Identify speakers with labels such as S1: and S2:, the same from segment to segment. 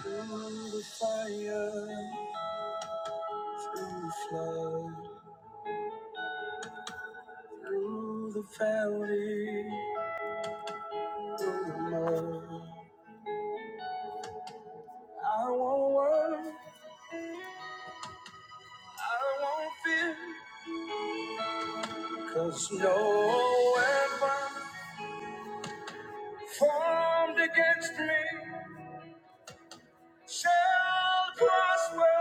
S1: Through the fire, through the flood, through the valley, through the mud. I won't worry, I won't fear, cause no weapon formed against me shall prosper.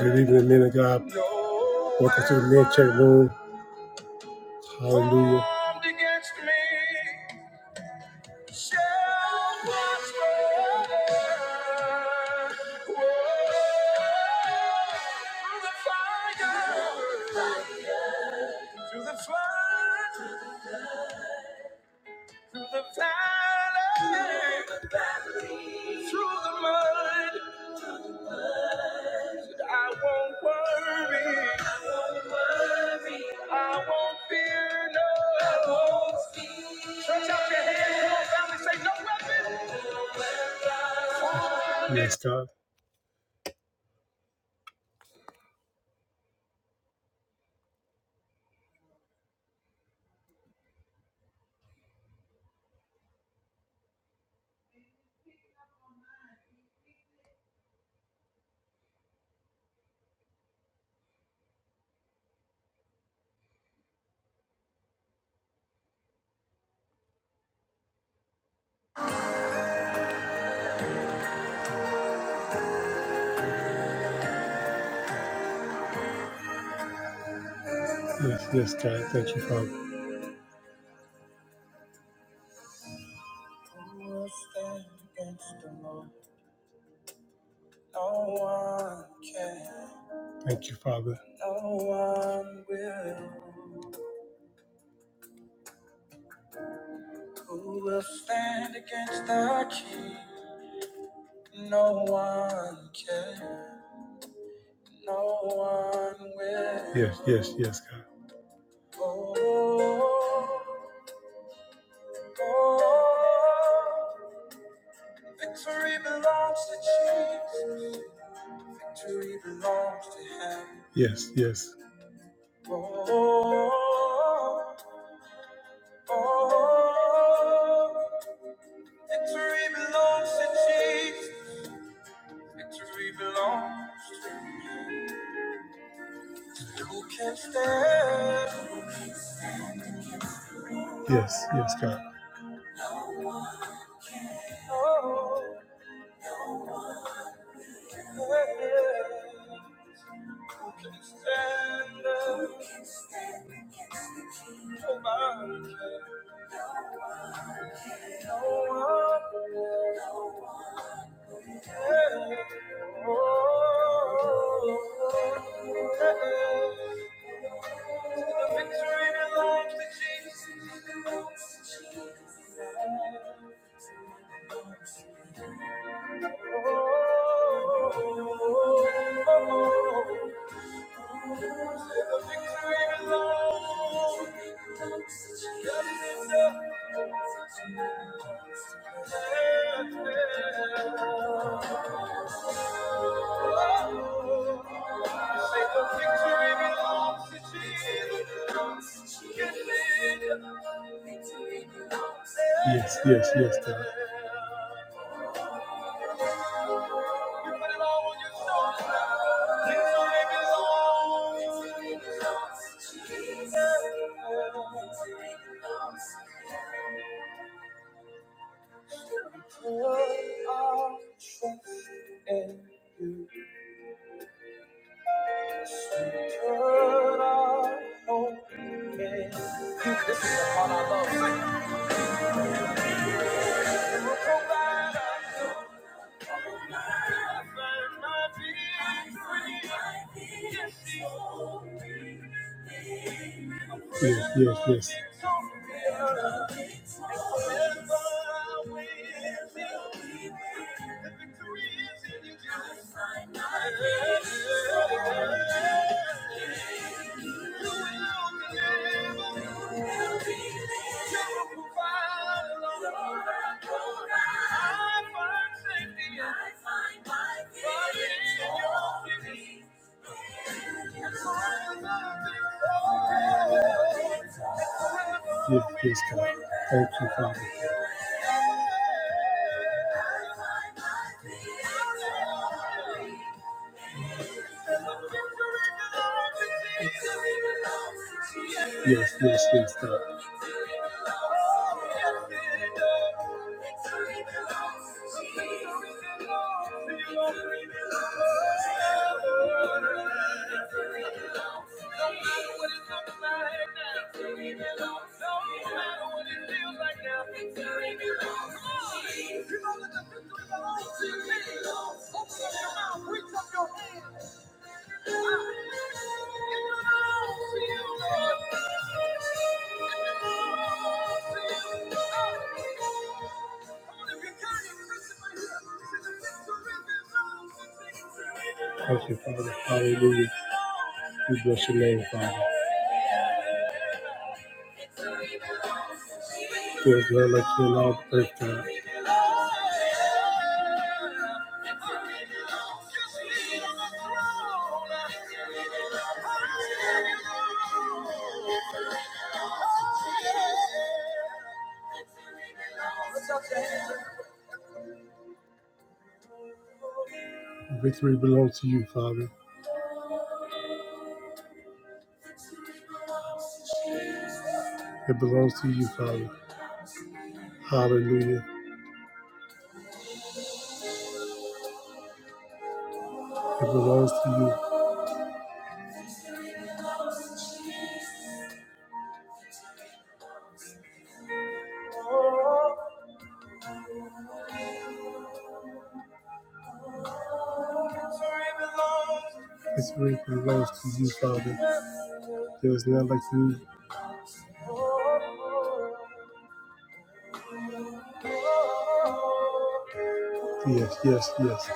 S1: Good evening, men of God. Welcome to the Men Check Room. Hallelujah. no. no Yes, God. Yes, yes, God. Thank you, Father. Thank you, Father. Who will stand against the King? No one can. No one will. Yes, yes, yes, God. Oh, oh, victory belongs to Jesus. Victory belongs to Him. Yes, yes. Oh, oh, oh. Victory belongs to Jesus. Victory belongs to who can stand. Yes, yes, God. Oh, yeah. Who can stand? Nobody can. No one. can. Oh, yeah. Yes, yes, yes, God. Put our trust in you. Put our hope in you. This is the part I love. Sing. You will provide us with life and my being yes, yes. The victory is in you. You will be able to provide. Give peace, God. Thank you, Father. Yes, yes, yes, God. Thank you, Father. Hallelujah. We bless your name, Father. There is none like you in all the earth, God. Victory belongs to you, Father. It belongs to you, Father. Hallelujah. It belongs to you. This praise belongs to you, Father. There is none like you. Yes, yes, yes.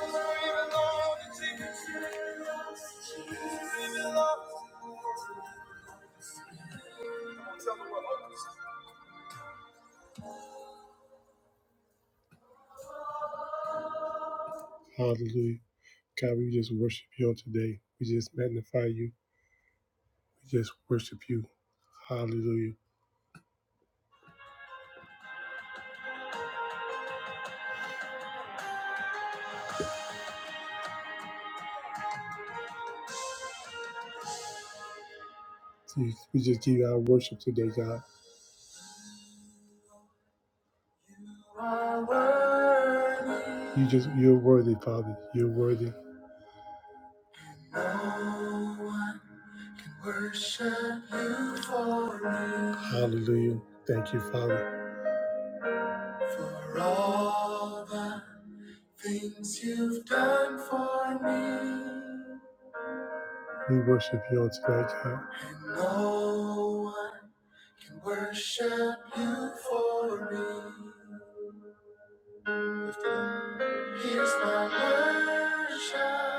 S1: Hallelujah. God, we just worship you on today. We just magnify you. We just worship you. Hallelujah. We just give you our worship today, God. You just you're worthy, Father. You're worthy. No Hallelujah. Thank you, Father. We worship you on tonight, God. no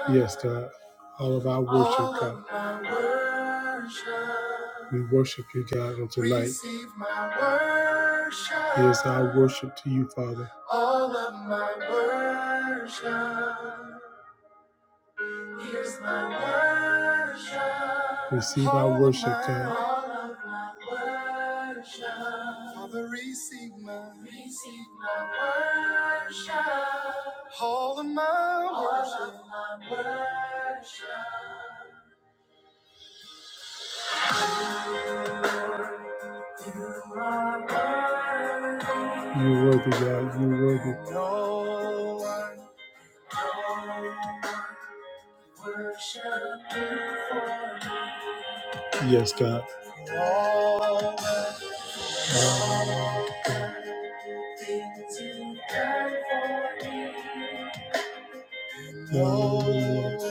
S1: Yes, God. All of our worship, God. We worship you, God, on tonight. Receive my worship. Here's our worship to you, Father. Here's my worship. Receive our worship, God. All of my worship. Father, receive my, receive my worship. All of my worship. All of my worship. You are worthy. You're worthy, God. You're worthy. No one no one worship you for. Yes, God. All Lord,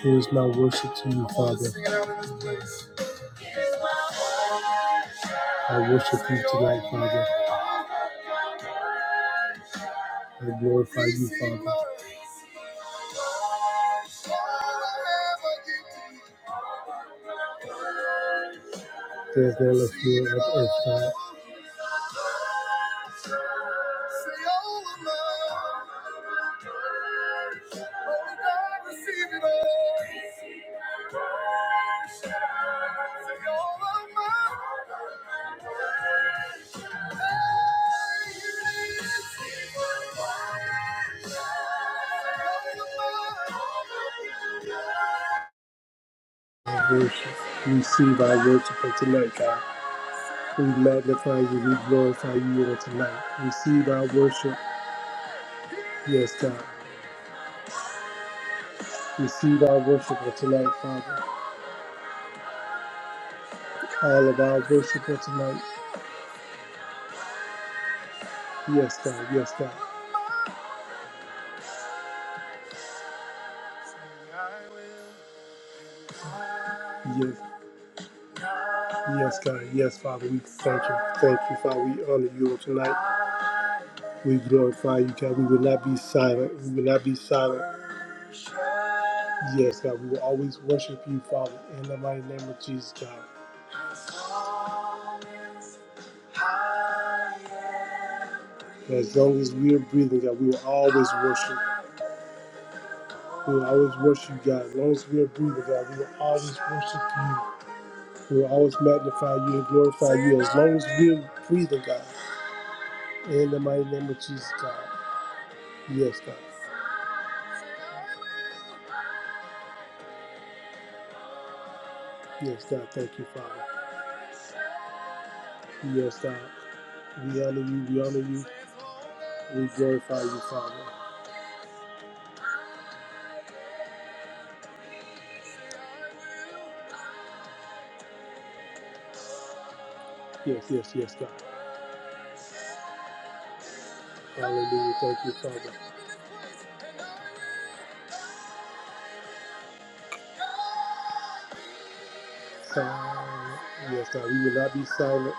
S1: here's my worship to you, Father. I worship you tonight, Father. I glorify you, Father. There's no left here on earth, God. I worship. Receive our worship of tonight, God. We magnify you. We glorify you on tonight. Receive our worship. Yes, God. Receive our worship of tonight, Father. all of our worship on tonight. Yes, God. Yes, God. Yes, yes, God. Yes, Father. We thank you. Thank you, Father. We honor you on tonight. We glorify you, God. We will not be silent. We will not be silent. Yes, God. We will always worship you, Father, in the mighty name of Jesus, God. as long as we are breathing, God, we will always worship. We will always worship you, God. As long as we are breathing, God, we will always worship you. We will always magnify you and glorify you as long as we're breathing, God. In the mighty name of Jesus, God. Yes, God. Yes, God. Thank you, Father. Yes, God. We honor you. We honor you. We glorify you, Father. Yes, yes, yes, God. Hallelujah. Thank you, Father. Silent. Yes, God. We will not be silent.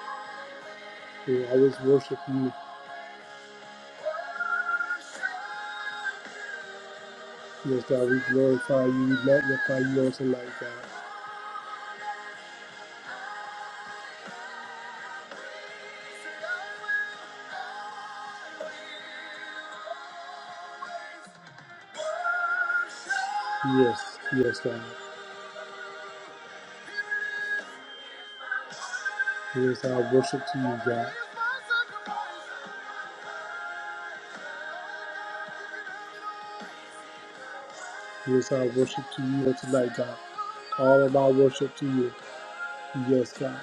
S1: We will always worship you. Yes, God. We glorify you. We magnify you on tonight, God. Yes, yes, God. Here's our worship to you, God. Here's our worship to you on tonight, God. All of our worship to you. Yes, God.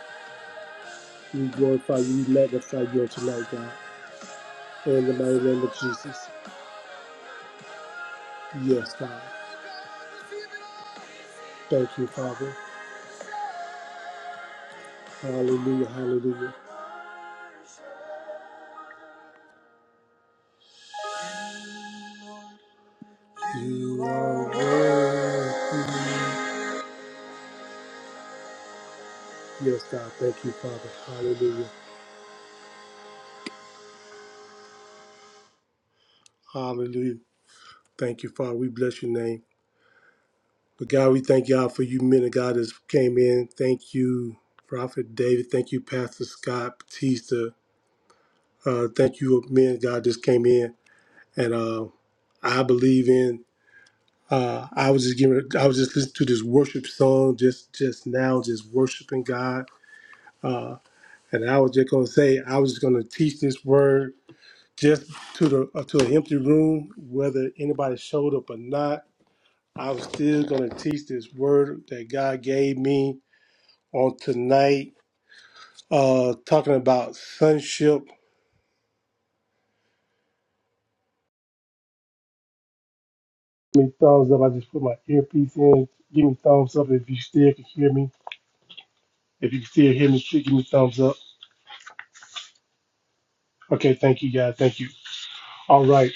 S1: We glorify you, we magnify you on tonight, God. In the mighty name of Jesus. Yes, God. Thank you, Father. Hallelujah, hallelujah. You are worthy. Yes, God. Thank you, Father. Hallelujah. Hallelujah. Thank you, Father. We bless your name. But God, we thank God for you men of God that came in. Thank you, Prophet David. Thank you, Pastor Scott Batista. Uh, thank you, men of God just came in. And uh, I believe in. Uh, I was just giving. I was just listening to this worship song just just now, just worshiping God. Uh, and I was just gonna say, I was just gonna teach this word just to the uh, to an empty room, whether anybody showed up or not. I was still gonna teach this word that God gave me on tonight, uh, talking about sonship. Give me thumbs up. I just put my earpiece in. Give me thumbs up if you still can hear me. If you can still hear me, please give me thumbs up. Okay, thank you guys. Thank you. All right.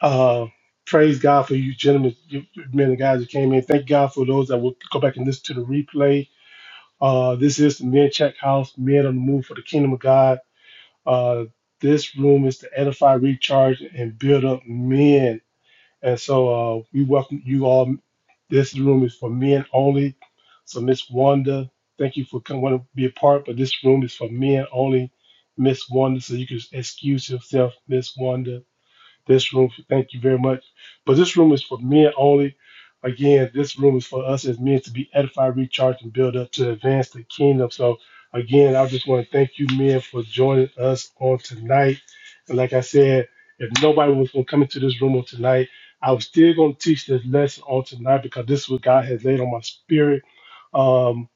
S1: Uh, praise God for you gentlemen, you, you men and guys that came in. Thank God for those that will go back and listen to the replay. Uh, this is the Men Check House, Men on the Move for the Kingdom of God. Uh, this room is to edify, recharge, and build up men And so uh, we welcome you all. This room is for men only. So Miss Wanda, thank you for coming want to be a part, but this room is for men only. Miss Wanda, so you can excuse yourself, Miss Wanda. This room, thank you very much. But this room is for men only. Again, this room is for us as men to be edified, recharged, and built up to advance the kingdom. So, again, I just want to thank you, men, for joining us on tonight. And like I said, if nobody was going to come into this room on tonight, I was still going to teach this lesson on tonight because this is what God has laid on my spirit. Um,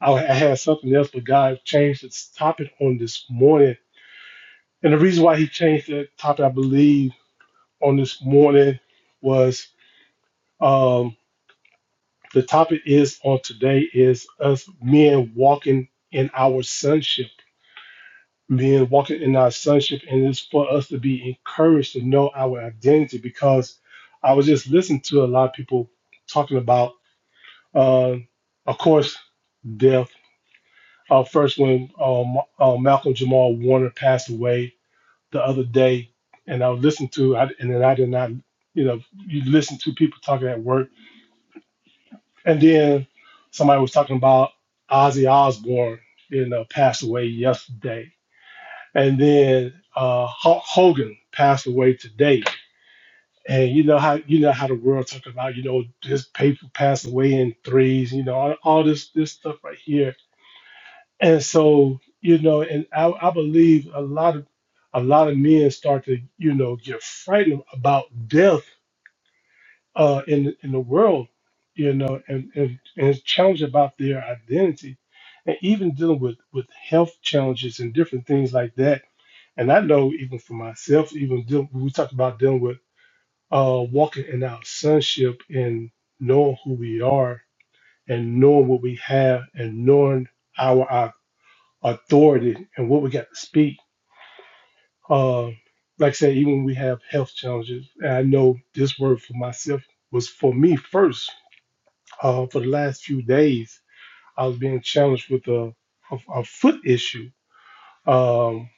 S1: I I had something else, but God changed its topic on this morning. And the reason why He changed that topic, I believe, on this morning was um, the topic is on today is us men walking in our sonship, men walking in our sonship, and it's for us to be encouraged to know our identity because I was just listening to a lot of people talking about, uh, of course, death. Uh, first, when um, uh, Malcolm Jamal Warner passed away the other day, and I was listening to, I, and then I did not, you know, you listen to people talking at work And then somebody was talking about Ozzy Osbourne, you know, passed away yesterday. And then uh, Hulk Hogan passed away today. And you know how you know how the world talk about, you know, this paper passed away in threes, you know, all, all this this stuff right here. And so, you know, and I, I believe a lot of a lot of men start to, you know, get frightened about death uh, in in the world, you know, and, and and it's challenged about their identity, and even dealing with with health challenges and different things like that. And I know even for myself, even deal, we talked about dealing with uh, walking in our sonship and knowing who we are and knowing what we have and knowing our, our authority and what we got to speak. Uh, like I said, even when we have health challenges, and I know this word for myself was for me first uh, for the last few days, I was being challenged with a, a, a foot issue. Um,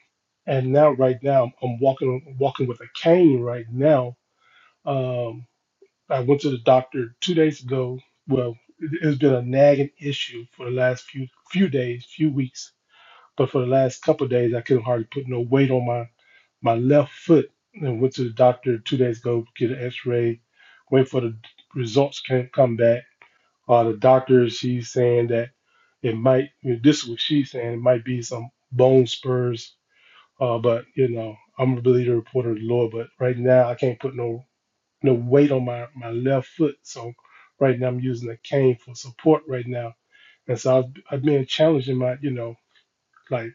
S1: and now, right now, I'm walking walking with a cane right now. Um, I went to the doctor two days ago. Well, it- it's been a nagging issue for the last few few days, few weeks. But for the last couple of days, I couldn't hardly put no weight on my my left foot. And went to the doctor two days ago, get an X-ray, wait for the results can't come back uh, the doctor, she's saying that it might, this is what she's saying, it might be some bone spurs. Uh, but, you know, I'm going to believe the report of the Lord. But right now, I can't put no no weight on my, my left foot. So right now, I'm using a cane for support right now. And so I've, I've been challenging my, you know, like,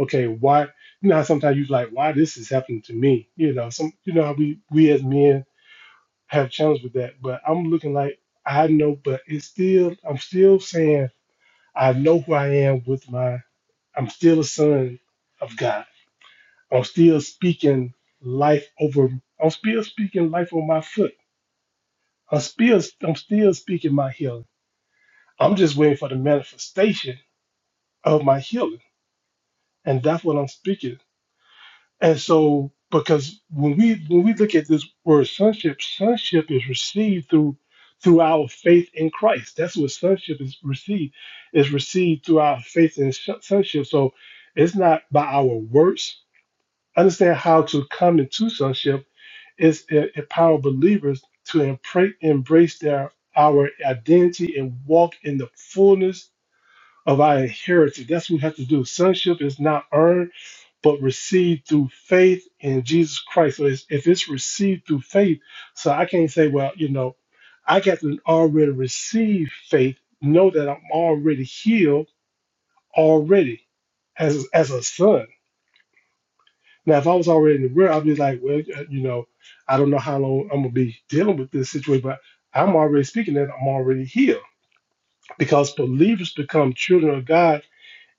S1: okay, why, you know, how sometimes you like, why this is happening to me? You know, some, you know, how we, we as men have challenged with that. But I'm looking like, I know, but it's still, I'm still saying, I know who I am with my, I'm still a son of God. I'm still speaking life over, I'm still speaking life on my foot. I'm still, I'm still speaking my healing. I'm just waiting for the manifestation of my healing. And that's what I'm speaking. And so, because when we when we look at this word sonship, sonship is received through through our faith in Christ. That's what sonship is received is received through our faith in sh- sonship. So it's not by our works. Understand how to come into sonship is it empower believers to empre- embrace their our identity and walk in the fullness of our heritage. That's what we have to do. Sonship is not earned, but received through faith in Jesus Christ. So it's, if it's received through faith, so I can't say, well, you know, I got to already receive faith, know that I'm already healed already as, as a son. Now, if I was already in the world, I'd be like, well, uh, you know, I don't know how long I'm going to be dealing with this situation, but I'm already speaking that I'm already healed because believers become children of God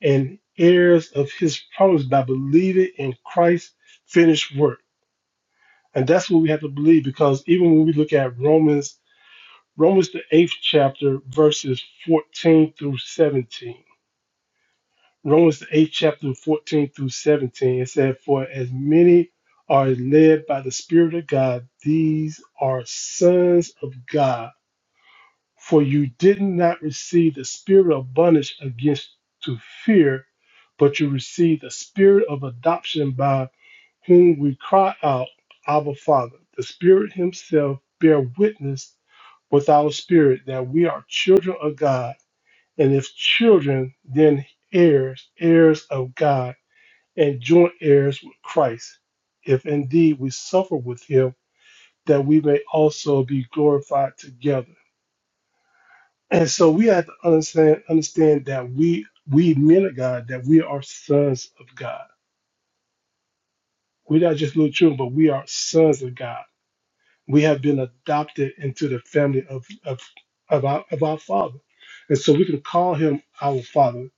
S1: and heirs of his promise by believing in Christ's finished work. And that's what we have to believe because even when we look at Romans, Romans the eighth chapter, verses 14 through 17. Romans the eighth chapter, 14 through 17, it said, For as many are led by the Spirit of God, these are sons of God. For you did not receive the spirit of bondage against to fear, but you received the spirit of adoption by whom we cry out, Abba Father. The Spirit Himself bear witness with our spirit that we are children of God, and if children, then heirs, heirs of God, and joint heirs with Christ, if indeed we suffer with Him, that we may also be glorified together. And so we have to understand understand that we we men of God, that we are sons of God. We're not just little children, but we are sons of God. We have been adopted into the family of of of our, of our Father, and so we can call Him our Father.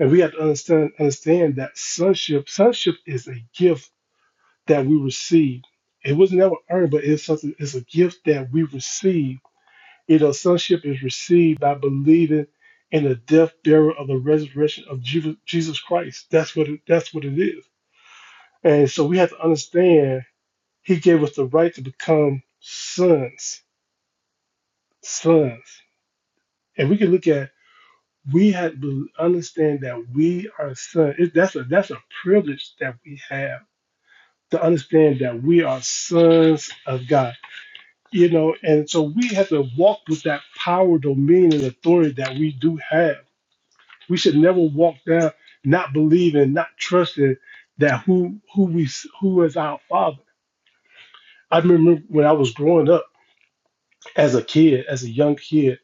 S1: And we have to understand understand that sonship sonship is a gift that we receive. It was never earned, but it's something. It's a gift that we receive You know, sonship is received by believing in the death, burial, of the resurrection of Ju- Jesus Christ. That's what it, that's what it is. And so we have to understand He gave us the right to become sons, sons. And we can look at we have to understand that we are sons. It, that's a that's a privilege that we have to understand that we are sons of God. You know, and so we have to walk with that power, dominion, and authority that we do have We should never walk down not believing, not trusting that who who we who is our father. I remember when I was growing up as a kid, as a young kid,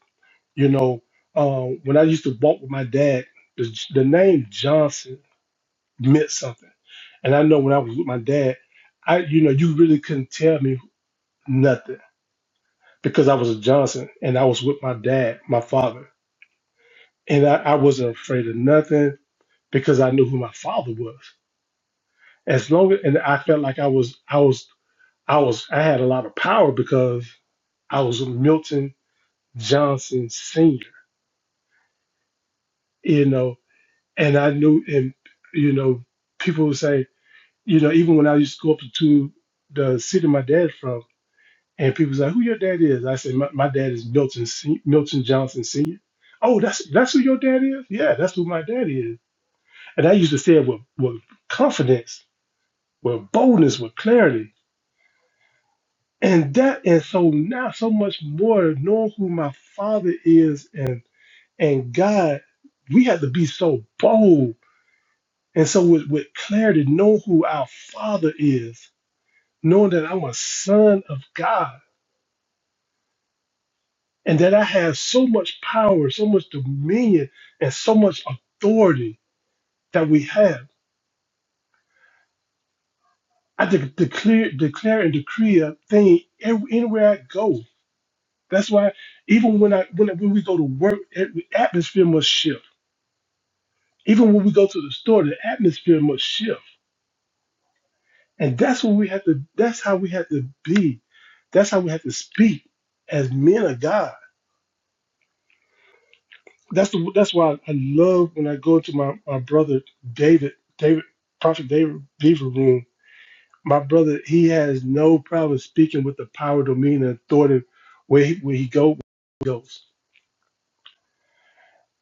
S1: you know, um, when I used to walk with my dad, the, the name Johnson meant something. And I know when I was with my dad, I you know you really couldn't tell me nothing because I was a Johnson and I was with my dad, my father, and I, I wasn't afraid of nothing because I knew who my father was. as long and I felt like I was I was I was I had a lot of power because I was Milton Johnson Senior, you know, and I knew and you know people would say you know even when I used to go up to the city my dad from and people say who your dad is I said my, my dad is Milton Se- Milton Johnson Senior. Oh, that's that's who your dad is? Yeah, that's who my dad is. And I used to say it with, with confidence, with boldness, with clarity and that and so now so much more knowing who my father is and and god we have to be so bold and so with, with clarity know who our father is knowing that i'm a son of god and that i have so much power so much dominion and so much authority that we have i de- declare declare and decree a thing ev- anywhere i go that's why even when i when, I- when we go to work the atmosphere must shift Even when we go to the store, the atmosphere must shift. And that's what we have to that's how we have to be. That's how we have to speak as men of God. That's the that's why I love when I go into my, my brother David, David, Prophet David Beaver room. My brother, he has no problem speaking with the power, dominion, and authority where he where he go where he goes.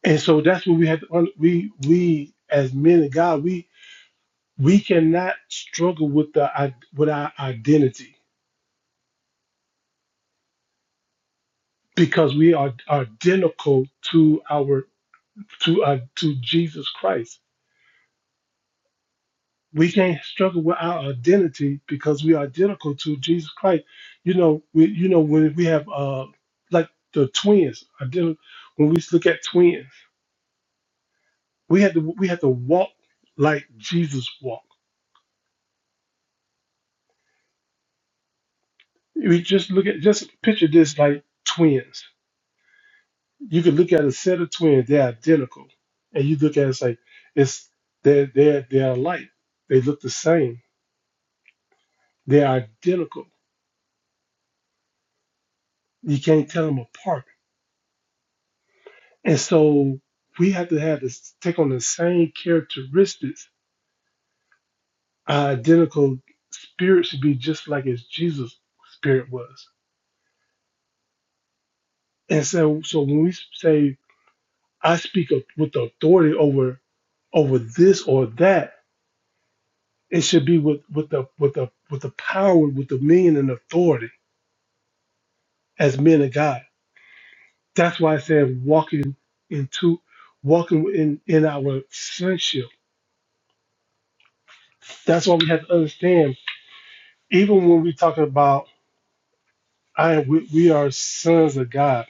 S1: And so that's what we have to un- we we as men of God, we we cannot struggle with the i- with our identity because we are identical to our to uh, to Jesus Christ. We can't struggle with our identity because we are identical to Jesus Christ. You know, we you know when we have uh like the twins, identi- when we look at twins, we had to we had to walk like Jesus walked. We just look at just picture this like twins. You could look at a set of twins, they're identical. And you look at it, it's like it's they're they're they're alike. They look the same They're identical. You can't tell them apart. And so we have to have this take on the same characteristics. Our identical spirit should be just like as Jesus' spirit was. And so, so when we say I speak of, with authority over over this or that, it should be with with the with the with the power, with the meaning and authority as men of God. That's why I said walking into walking in in our sonship That's why we have to understand, even when we talk about I am we, we are sons of God,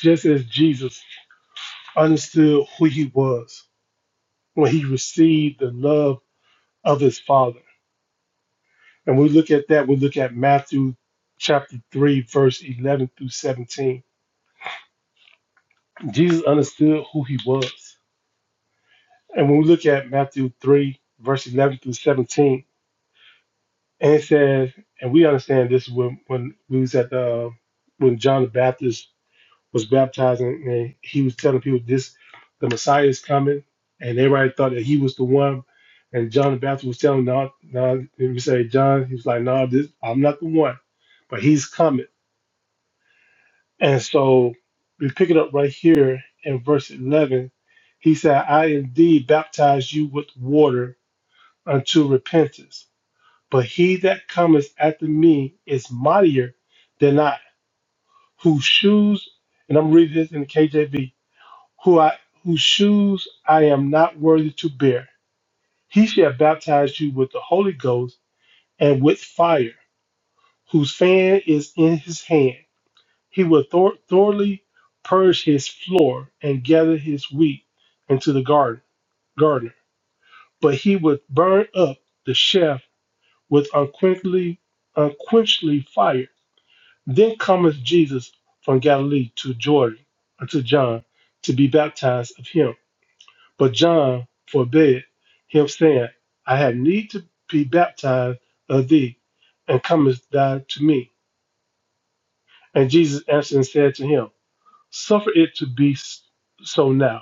S1: just as Jesus understood who he was when he received the love of his father. And we look at that, we look at Matthew chapter 3, verse 11 through 17. Jesus understood who he was. And when we look at Matthew 3, verse 11 through 17, and it says, and we understand this when, when we was at the, uh, when John the Baptist was baptized, and, and he was telling people this: the Messiah is coming, and everybody thought that he was the one. And John the Baptist was telling, him, "No, no," if you say John, he was like, "No, this, I'm not the one, but he's coming." And so we pick it up right here in verse 11. He said, "I indeed baptize you with water unto repentance, but he that cometh after me is mightier than I, whose shoes." And I'm reading this in the KJV who I, whose shoes I am not worthy to bear. He shall baptize you with the Holy Ghost and with fire, whose fan is in his hand. He will thor- thoroughly purge his floor and gather his wheat into the garden, gardener, but he would burn up the chaff with unquenchly, unquenchly fire. Then cometh Jesus from Galilee to Jordan unto John to be baptized of him. But John forbade him, saying, I have need to be baptized of thee, and comest thou to me? And Jesus answered and said to him, Suffer it to be s- so now,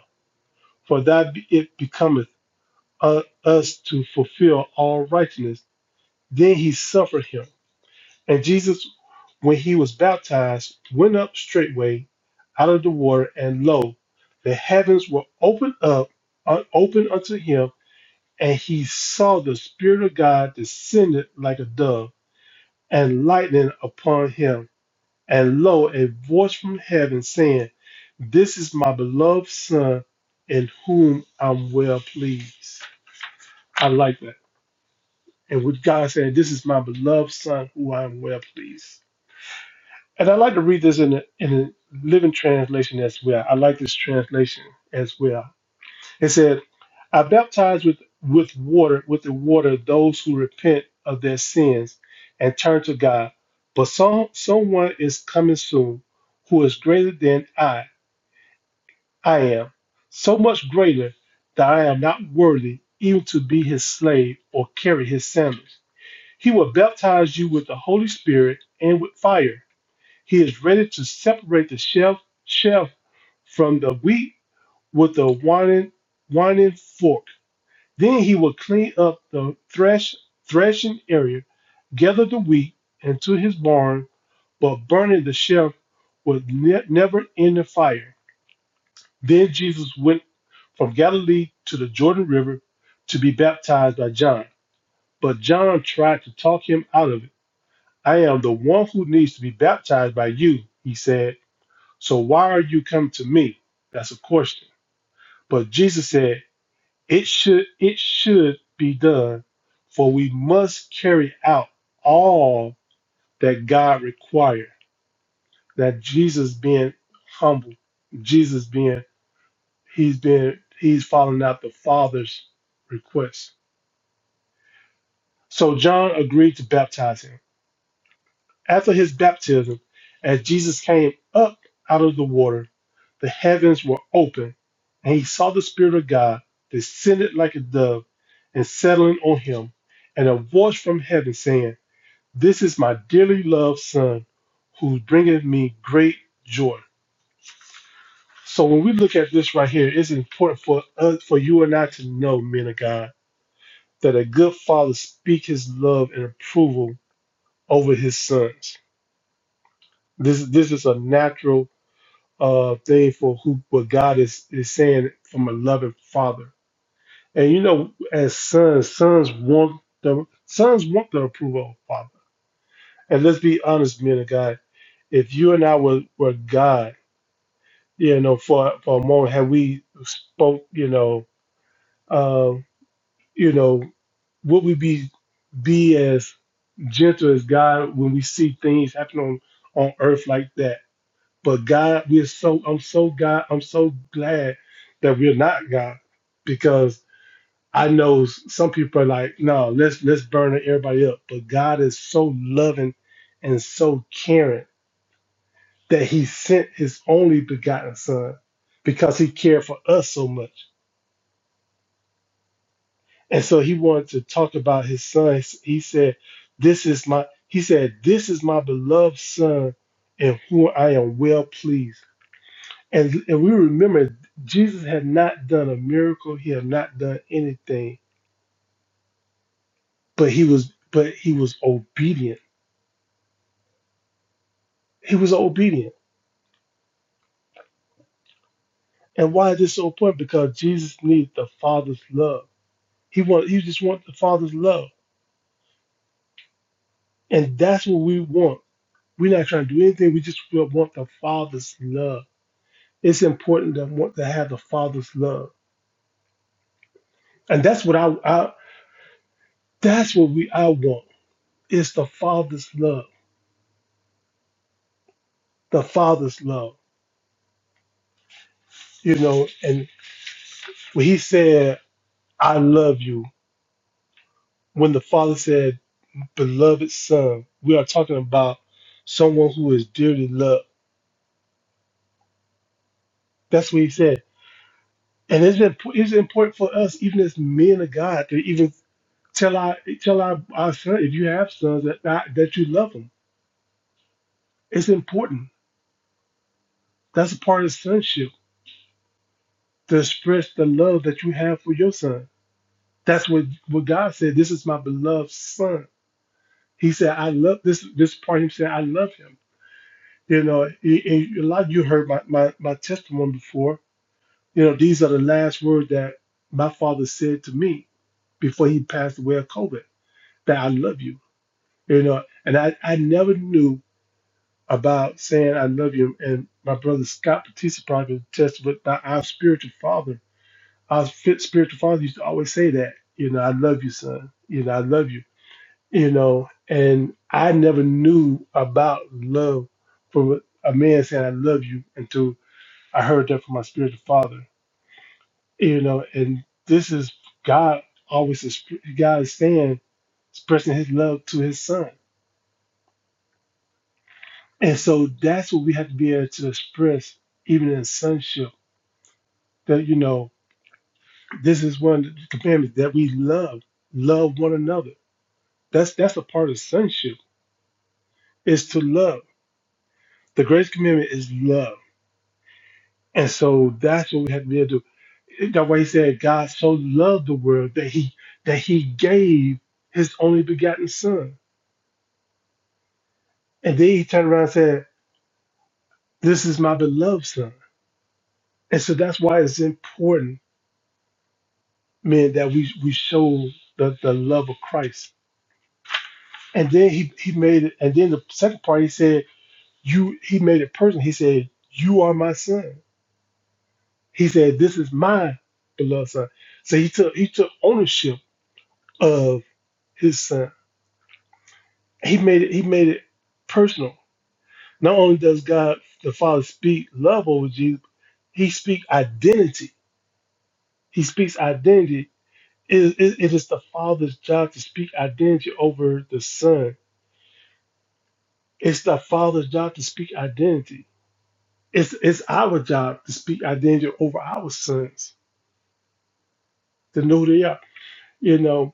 S1: for that be- it becometh u- us to fulfill all righteousness. Then he suffered him. And Jesus, when he was baptized, went up straightway out of the water, and lo, the heavens were opened up, un- opened unto him and he saw the Spirit of God descended like a dove and lightning upon him. And lo, a voice from heaven saying, This is my beloved Son, in whom I'm well pleased. I like that. And with God saying, This is my beloved Son, who I am well pleased. And I like to read this in a, in a living translation as well. I like this translation as well. It said, I baptize with, with water, with the water, those who repent of their sins and turn to God. But some, someone is coming soon who is greater than I, I am, so much greater that I am not worthy even to be his slave or carry his sandals. He will baptize you with the Holy Spirit and with fire. He is ready to separate the chef, chef from the wheat with the winding, winding fork then he will clean up the thresh, threshing area, gather the wheat into his barn, but burning the chaff with ne- never ending fire. Then Jesus went from Galilee to the Jordan River to be baptized by John. But John tried to talk him out of it. I am the one who needs to be baptized by you, he said. So why are you coming to me? That's a question. But Jesus said, It should it should be done, for we must carry out all that God required. That Jesus being humble, Jesus being he's been he's following out the Father's request. So John agreed to baptize him. After his baptism, as Jesus came up out of the water, the heavens were open, and he saw the Spirit of God descended like a dove and settling on him, and a voice from heaven saying, This is my dearly loved Son, who bringeth me great joy. So when we look at this right here, it's important for us, for you and I to know, men of God, that a good father speaks his love and approval over his sons. This this is a natural uh, thing for who what God is is saying from a loving father And you know, as sons, sons want the sons want the approval of father. And let's be honest, men of God, if you and I were, were God, you know, for for a moment, had we spoke, you know, uh, you know, would we be be as gentle as God when we see things happen on on earth like that? But God, we're so I'm so God, I'm so glad that we're not God because I know some people are like, no, let's let's burn everybody up. But God is so loving and so caring that He sent His only begotten Son because He cared for us so much. And so He wanted to talk about His Son. He said, "This is my," He said, "This is my beloved Son, in whom I am well pleased." And and we remember Jesus had not done a miracle. He had not done anything, but he was but he was obedient He was obedient. And why is this so important? Because Jesus needed the Father's love. He wanted, he just wanted the Father's love. And that's what we want. We're not trying to do anything. We just will want the Father's love. It's important to want to have the Father's love. And that's what I, I that's what we I want. It's the Father's love. The Father's love. You know, and when he said, I love you, when the Father said, beloved son, we are talking about someone who is dearly loved That's what he said. And it's been it's important for us, even as men of God, to even tell our tell our, our son, if you have sons, that that that you love them. It's important. That's a part of sonship to express the love that you have for your son. That's what what God said. This is my beloved son. He said, I love this this part. He said, I love him. You know, and and a lot of you heard my, my my testimony before. You know, these are the last words that my father said to me before he passed away of COVID. That I love you You know, and I, I never knew about saying I love you. And my brother Scott Batista probably can attest with my, our spiritual father. Our fit spiritual father used to always say that, you know, I love you, son. You know, I love you. You know, and I never knew about love from a man saying I love you until I heard that from my spiritual father. You know, and this is God always, exp- God is saying, expressing his love to his son And so that's what we have to be able to express, even in sonship, that you know, this is one of the commandments that we love, love one another. That's that's a part of sonship is to love. The greatest commandment is love, and so that's what we have to be able to. That why he said God so loved the world that he that he gave his only begotten Son, and then he turned around and said, "This is my beloved Son." And so that's why it's important meant that we we show the, the love of Christ. And then he, he made it and then the second part he said, You he made it personal. He said, You are my son. He said, This is my beloved son. So he took he took ownership of his son. He made it he made it personal. Not only does God the Father speak love over Jesus, he speaks identity. He speaks identity. It, it, it is the Father's job to speak identity over the Son It's the father's job to speak identity. It's it's our job to speak identity over our sons, to know they are, you know,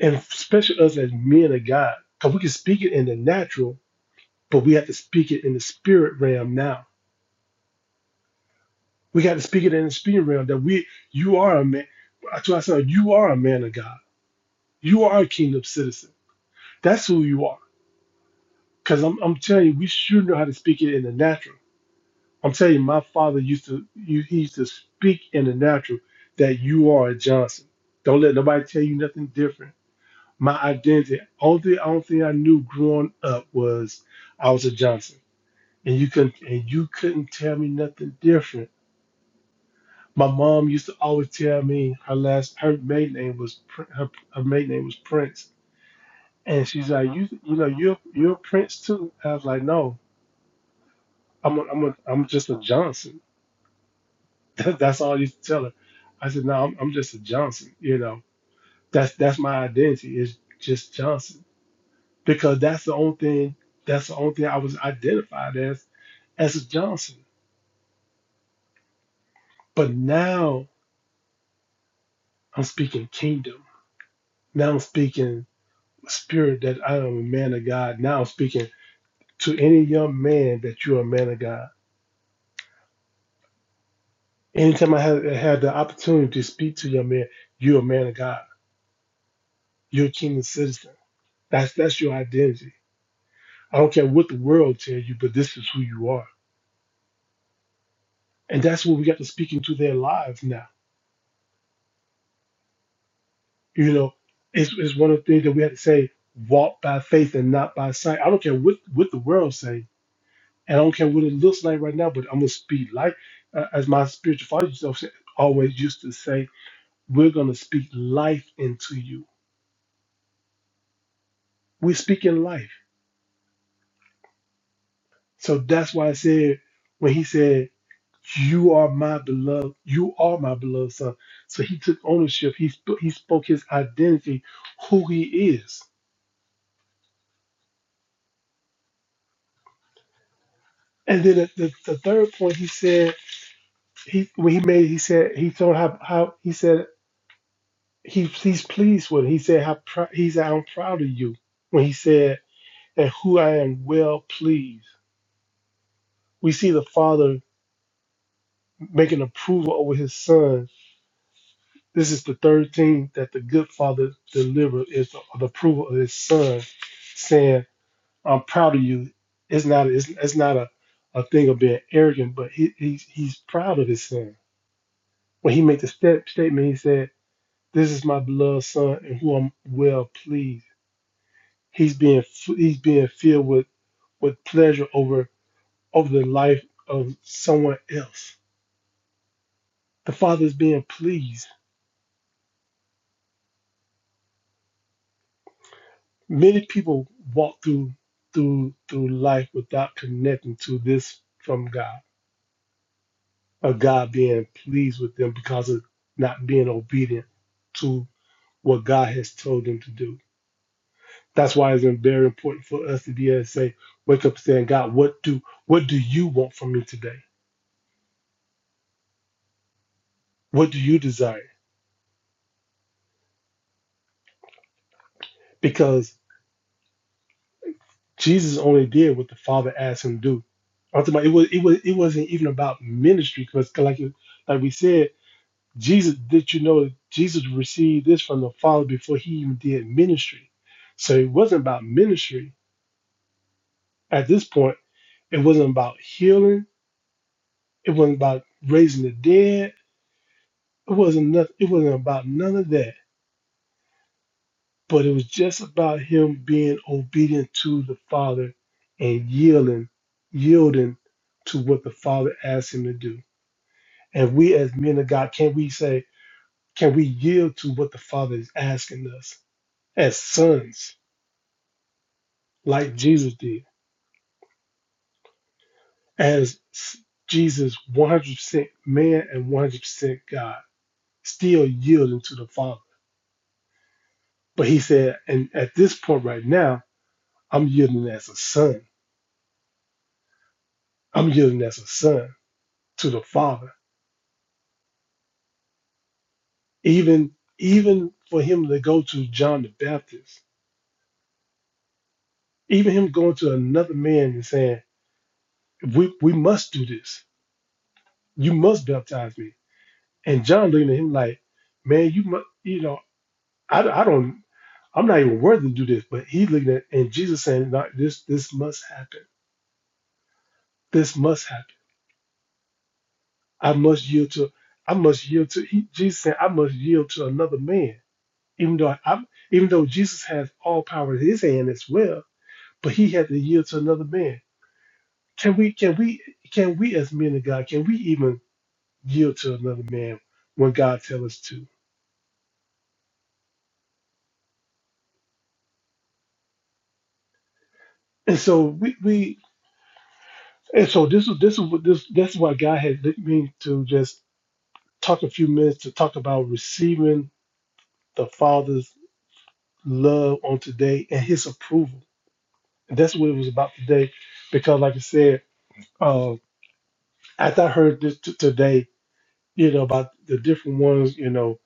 S1: and especially us as men of God, because we can speak it in the natural, but we have to speak it in the spirit realm now. We got to speak it in the spirit realm that we, you are a man. I told my son, you are a man of God. You are a kingdom citizen. That's who you are. Because I'm, I'm telling you, we should know how to speak it in the natural. I'm telling you, my father used to you he used to speak in the natural that you are a Johnson. Don't let nobody tell you nothing different. My identity, only thing, only thing I knew growing up was I was a Johnson, and you couldn't and you couldn't tell me nothing different. My mom used to always tell me her last her maiden name was Prin- her, her maiden name was Prince, and she's like you you know you're you're a Prince too. I was like no, I'm a, I'm a, I'm just a Johnson. that's all I used to tell her. I said, no, I'm, I'm just a Johnson. You know, that's that's my identity is just Johnson because that's the only thing that's the only thing I was identified as as a Johnson. But now I'm speaking kingdom. Now I'm speaking spirit that I am a man of God. Now I'm speaking to any young man that you're a man of God. Anytime I had, had the opportunity to speak to young man, you're a man of God. You're a kingdom citizen. That's that's your identity I don't care what the world tell you, but this is who you are. And that's what we got to speak into their lives now. You know, it's, it's one of the things that we had to say, walk by faith and not by sight. I don't care what, what the world say. And I don't care what it looks like right now, but I'm going to speak life. Uh, as my spiritual father used to say- always used to say, we're going to speak life into you. We're speaking life. So that's why I said, when he said, You are my beloved. You are my beloved son. So he took ownership. He sp- he spoke his identity, who he is. And then at the, the third point, he said he when he made he said he told how how he said he he's pleased with. It. He said how pr- he said I'm proud of you when he said and who I am well pleased. We see the father making approval over his son. This is the third thing that the good father delivered is the the approval of his son, saying. I'm proud of you. It's not it's, it's not a, a thing of being arrogant, but he, he's he's proud of his son. When he made the step statement, he said, "This is my beloved son, in whom I'm well pleased." He's being f- he's being filled with with pleasure over over the life of someone else. The father is being pleased. Many people walk through through through life without connecting to this from God of God being pleased with them because of not being obedient to what God has told them to do. That's why it's very important for us to be able to say, wake up saying, God, what do what do you want from me today? What do you desire? Because Jesus only did what the Father asked him to do. Ultimately, it was it was it wasn't even about ministry because like you- like we said, Jesus did you know that Jesus received this from the Father before he even did ministry. So it wasn't about ministry At this point, it wasn't about healing. It wasn't about raising the dead. It wasn't nothing. It wasn't about none of that. But it was just about him being obedient to the Father and yielding, yielding to what the Father asked him to do. And we, as men of God, can we say, can we yield to what the Father is asking us as sons, like Jesus did, as s- Jesus 100% man and 100% God? still yielding to the Father. But he said, and at this point right now, I'm yielding as a son. I'm yielding as a son to the Father. Even even for him to go to John the Baptist, even him going to another man and saying, We we must do this. You must baptize me. And John looking at him like, Man, you must you know, I, I don't I'm not even worthy to do this, but he looking at and Jesus saying, no, this this must happen. This must happen I must yield to I must yield to Jesus said I must yield to another man. Even though I even though Jesus has all power in his hand as well, but he had to yield to another man. Can we can we can we as men of God, can we even yield to another man when God tells us to? And so we, we and so this is this is what this that's why God had led me to just talk a few minutes to talk about receiving the Father's love on today and his approval And that's what it was about today. Because, like I said, um, after I heard this t- today, you know, about the different ones, you know,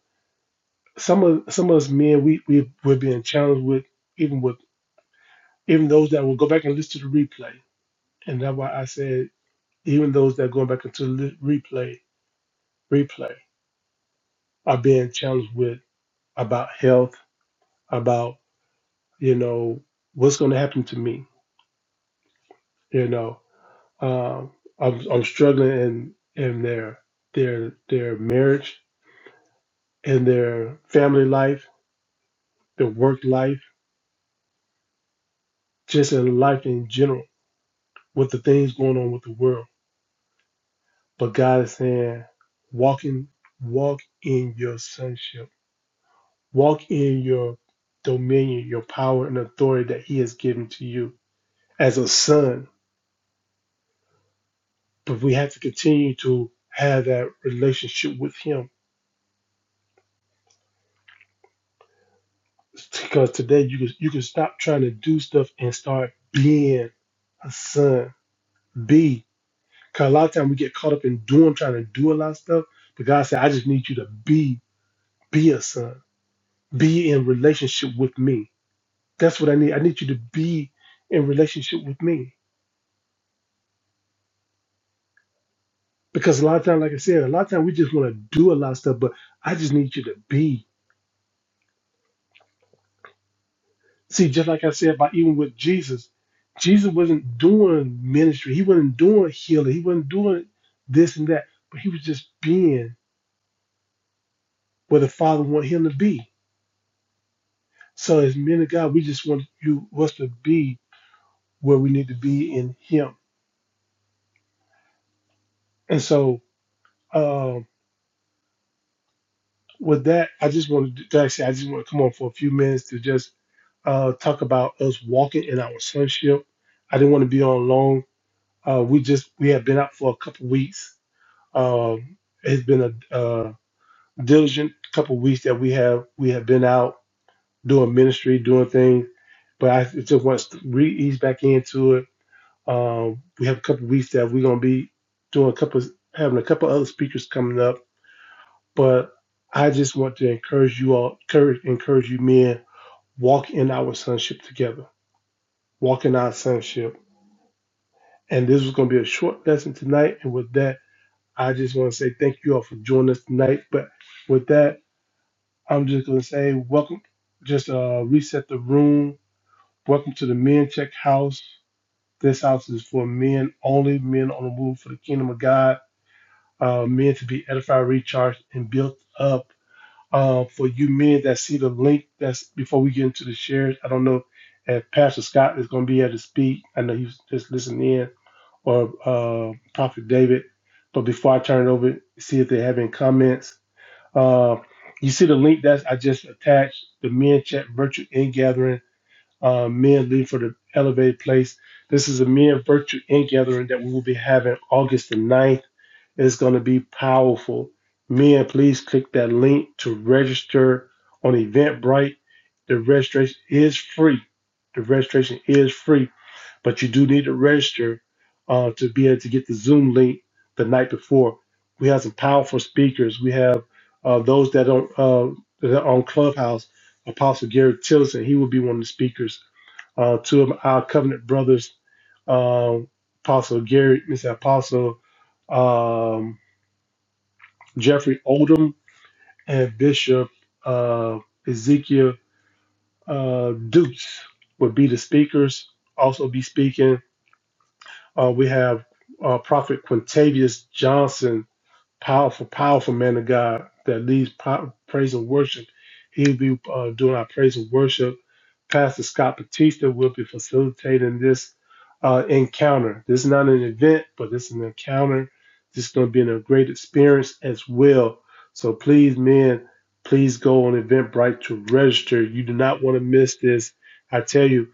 S1: some of some of us men we we were being challenged with, even with even those that will go back and listen to the replay, and that's why I said even those that are going back into the li- replay replay are being challenged with about health, about you know what's going to happen to me, you know, um, I'm I'm struggling in in their their their marriage in their family life, their work life, just in life in general, with the things going on with the world. But God is saying, walk in, walk in your sonship, walk in your dominion, your power and authority that He has given to you as a son. But we have to continue to have that relationship with Him because today you can you can stop trying to do stuff and start being a son. Be. Cause a lot of time we get caught up in doing, trying to do a lot of stuff. But God said, I just need you to be, be a son, be in relationship with me. That's what I need. I need you to be in relationship with me. Because a lot of time, like I said, a lot of time we just want to do a lot of stuff, but I just need you to be. See, just like I said about even with Jesus, Jesus wasn't doing ministry. He wasn't doing healing. He wasn't doing this and that, but he was just being where the Father wanted him to be. So as men of God, we just want you us to be where we need to be in Him. And so, um, with that, I just want to actually, I just want to come on for a few minutes to just uh, talk about us walking in our sonship. I didn't want to be on long. Uh, we just we have been out for a couple weeks. Um, it's been a, uh diligent couple weeks that we have we have been out doing ministry, doing things. But I just want to re ease back into it. Um, we have a couple weeks that we're gonna be doing a couple having a couple other speakers coming up But I just want to encourage you all, encourage, encourage you men, walk in our sonship together, walk in our sonship. And this was going to be a short lesson tonight. And with that, I just want to say thank you all for joining us tonight. But with that, I'm just going to say welcome. Just uh, reset the room. Welcome to the Men Check House. This house is for men only, men on the move for the kingdom of God, uh, men to be edified, recharged, and built up uh, for you men that see the link that's before we get into the shares. I don't know if Pastor Scott is going to be able to speak. I know he's just listening in, or uh, Prophet David. But before I turn it over, see if they have any comments. Uh, you see the link that I just attached the men chat virtual in gathering. Uh, men lead for the elevated place. This is a men virtual in gathering that we will be having August the ninth. It's going to be powerful. Men, please click that link to register on Eventbrite. The registration is free. The registration is free, but you do need to register uh, to be able to get the Zoom link the night before. We have some powerful speakers. We have uh, those that are, uh, that are on Clubhouse. Apostle Gary Tillison. he will be one of the speakers. Uh, two of our covenant brothers, um Apostle Gary, Mr. Apostle. um, Jeffrey Oldham, and Bishop uh, Ezekiel uh, Dukes would be the speakers. Also be speaking. Uh, we have uh, Prophet Quintavious Johnson Powerful, powerful man of God that leads po- praise and worship. He'll be uh, doing our praise and worship. Pastor Scott Batista will be facilitating this uh, encounter. This is not an event, but this is an encounter. This is going to be a great experience as well. So please, men, please go on Eventbrite to register. You do not want to miss this. I tell you,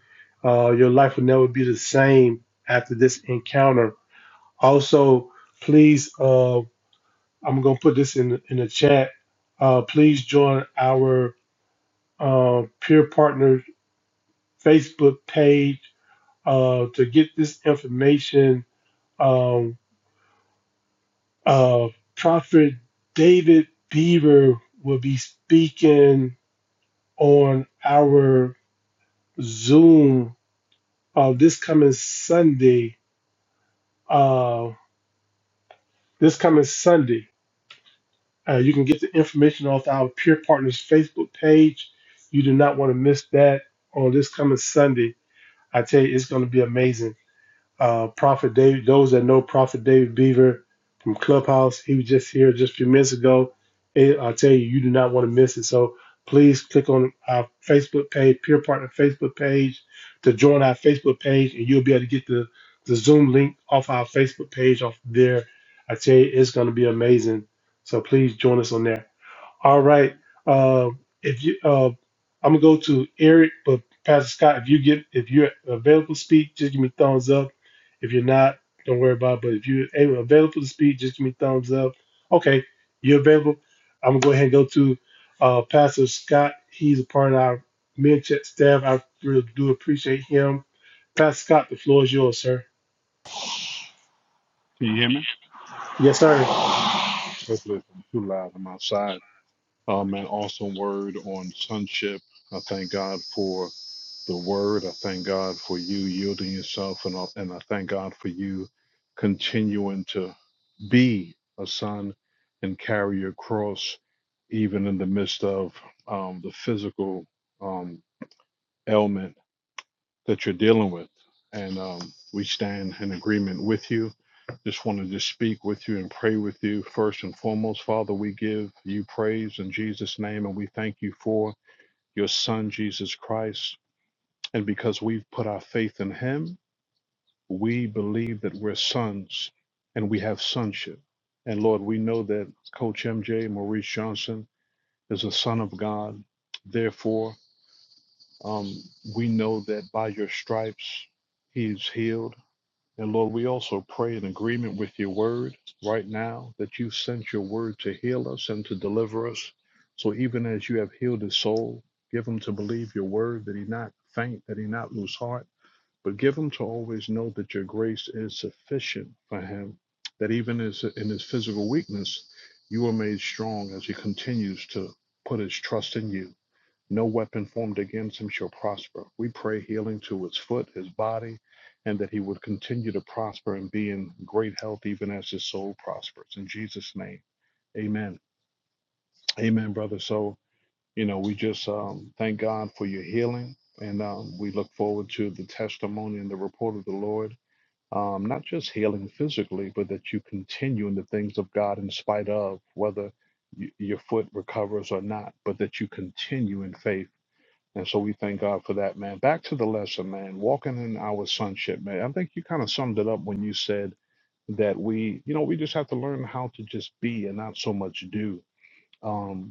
S1: uh, your life will never be the same after this encounter. Also, please. Uh, I'm gonna put this in in the chat. Uh, please join our uh, peer partner Facebook page uh, to get this information. Um, uh, Prophet David Beaver will be speaking on our Zoom uh, this coming Sunday. Uh, this coming Sunday, uh, you can get the information off our peer partners Facebook page. You do not want to miss that on this coming Sunday. I tell you, it's going to be amazing. Uh, Prophet David, those that know Prophet David Beaver from Clubhouse, he was just here just a few minutes ago. It- I tell you, you do not want to miss it. So please click on our Facebook page, Peer Partner Facebook page, to join our Facebook page, and you'll be able to get the, the Zoom link off our Facebook page off there. I tell you, it's going to be amazing. So please join us on there. All right. Uh, if you, uh, I'm gonna go to Eric, but Pastor Scott, if you get, if you're available to speak, just give me thumbs up. If you're not, don't worry about it. But if you're able, available to speak, just give me thumbs up. Okay, you're available. I'm gonna go ahead and go to uh, Pastor Scott. He's a part of our mentor staff. I really do appreciate him. Pastor Scott, the floor is yours, sir.
S2: Can you hear me?
S1: Yes, sir.
S2: Hopefully it's not too loud. I'm outside. Um, an awesome word on sonship. I thank God for the word. I thank God for you yielding yourself, and I, and I thank God for you continuing to be a son and carry your cross, even in the midst of um, the physical um, ailment that you're dealing with. And um, we stand in agreement with you. Just want to just speak with you and pray with you first and foremost. Father, we give you praise in Jesus' name, and we thank you for your Son, Jesus Christ. And because we've put our faith in him, we believe that we're sons and we have sonship. And Lord, we know that Coach MJ Maurice Johnson is a son of God. Therefore, um, we know that by your stripes, he's healed And Lord, we also pray in agreement with your word right now that you sent your word to heal us and to deliver us. So even as you have healed his soul, give him to believe your word, that he not faint, that he not lose heart, but give him to always know that your grace is sufficient for him, that even as in his physical weakness, you are made strong as he continues to put his trust in you. No weapon formed against him shall prosper. We pray healing to his foot, his body, and that he would continue to prosper and be in great health even as his soul prospers. In Jesus' name, amen. Amen, brother. So, you know, we just um, thank God for your healing, and um, we look forward to the testimony and the report of the Lord. Um, not just healing physically, but that you continue in the things of God in spite of whether y- your foot recovers or not, but that you continue in faith and so we thank God for that, man. Back to the lesson, man. Walking in our sonship, man. I think you kind of summed it up when you said that we, you know, we just have to learn how to just be and not so much do. Um,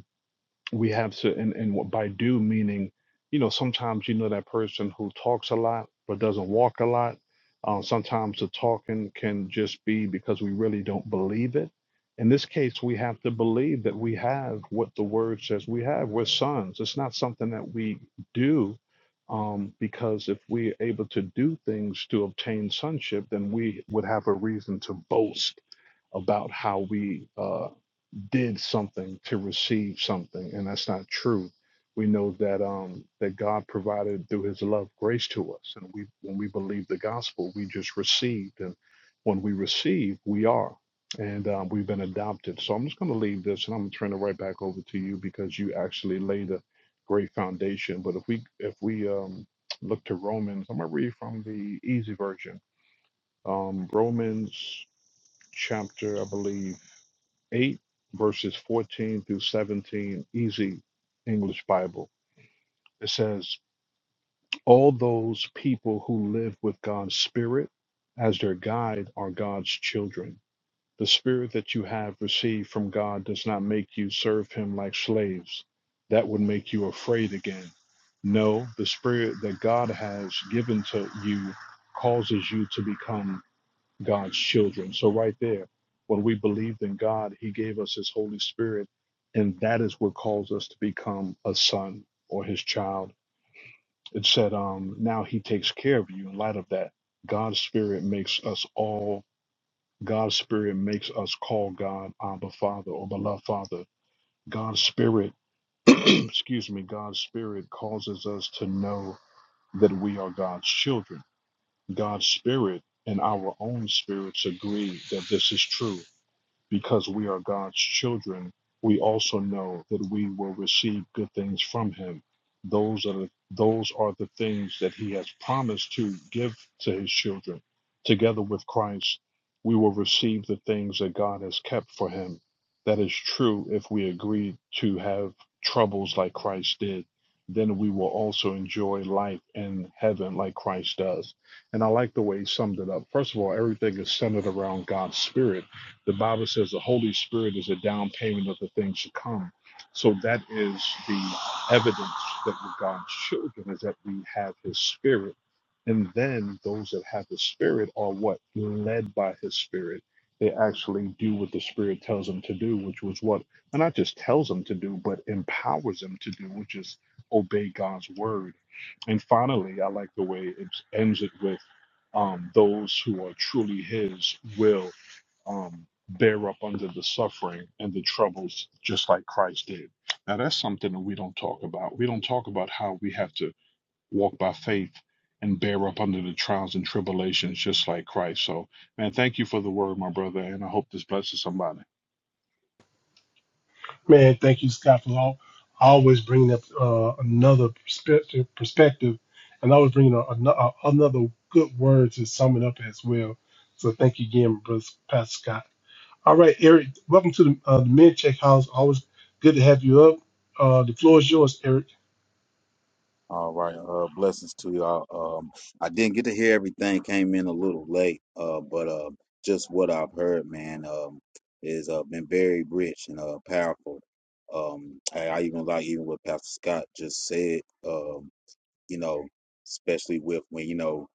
S2: we have to and, and what by do meaning you know sometimes you know that person who talks a lot but doesn't walk a lot um, sometimes the talking can just be because we really don't believe it in this case we have to believe that we have what the word says we have we're sons it's not something that we do um, because if we're able to do things to obtain sonship then we would have a reason to boast about how we uh, did something to receive something, and that's not true. We know that um, that God provided through His love grace to us, and we when we believe the gospel, we just received, and when we receive, we are, and um, we've been adopted. So I'm just going to leave this, and I'm going to turn it right back over to you because you actually laid a great foundation. But if we if we um, look to Romans, I'm going to read from the easy version, um, Romans chapter, I believe. 8, verses 14 through 17, easy English Bible. It says, All those people who live with God's Spirit as their guide are God's children. The Spirit that you have received from God does not make you serve Him like slaves. That would make you afraid again. No, the Spirit that God has given to you causes you to become God's children. So, right there, when we believed in God, He gave us His Holy Spirit, and that is what calls us to become a son or His child. It said, um, Now He takes care of you in light of that. God's Spirit makes us all, God's Spirit makes us call God Abba Father or Beloved Father. God's Spirit, excuse me, God's Spirit causes us to know that we are God's children. God's Spirit and our own spirits agree that this is true because we are God's children, we also know that we will receive good things from him. Those are the, those are the things that he has promised to give to his children. Together with Christ, we will receive the things that God has kept for him. That is true if we agree to have troubles like Christ did. Then we will also enjoy life in heaven like Christ does. And I like the way he summed it up. First of all, everything is centered around God's Spirit the Bible says the Holy Spirit is a down payment of the things to come. So that is the evidence that we're God's children is that we have his spirit. And then those that have the spirit are what? Led by his spirit. They actually do what the spirit tells them to do, which was what? And not just tells them to do, but empowers them to do, which is obey God's word. And finally, I like the way it ends it with um, those who are truly his will um, bear up under the suffering and the troubles just like Christ did. Now, that's something that we don't talk about. We don't talk about how we have to walk by faith and bear up under the trials and tribulations just like Christ. So, man, thank you for the word, my brother, and I hope this blesses somebody.
S1: Man, thank you, Scott, for all, always bringing up uh, another perspective, perspective, and always bringing a, ano- a, another good word to sum it up as well. So thank you again, Brother Pastor Scott. All right, Eric, welcome to the, uh, the Men Check House. Always good to have you up. Uh, the floor is yours, Eric.
S3: All right. Uh, blessings to y'all. Um, I didn't get to hear everything. Came in a little late. Uh, but uh, just what I've heard, man, um, is uh been very rich and uh powerful. Um, I, I even like even what Pastor Scott just said. Um, you know, especially with when you know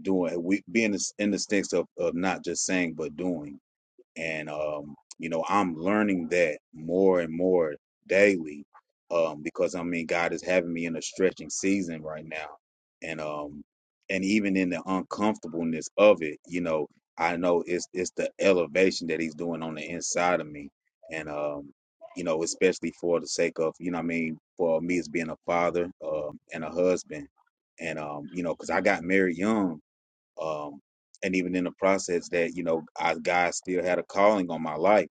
S3: doing we being in the sense of of not just saying but doing and um, you know i'm learning that more and more daily um, because i mean god is having me in a stretching season right now and um and even in the uncomfortableness of it you know i know it's it's the elevation that he's doing on the inside of me and um you know especially for the sake of you know what i mean for me as being a father um, and a husband and um you know because i got married young um, and even in the process that you know I, God still had a calling on my life,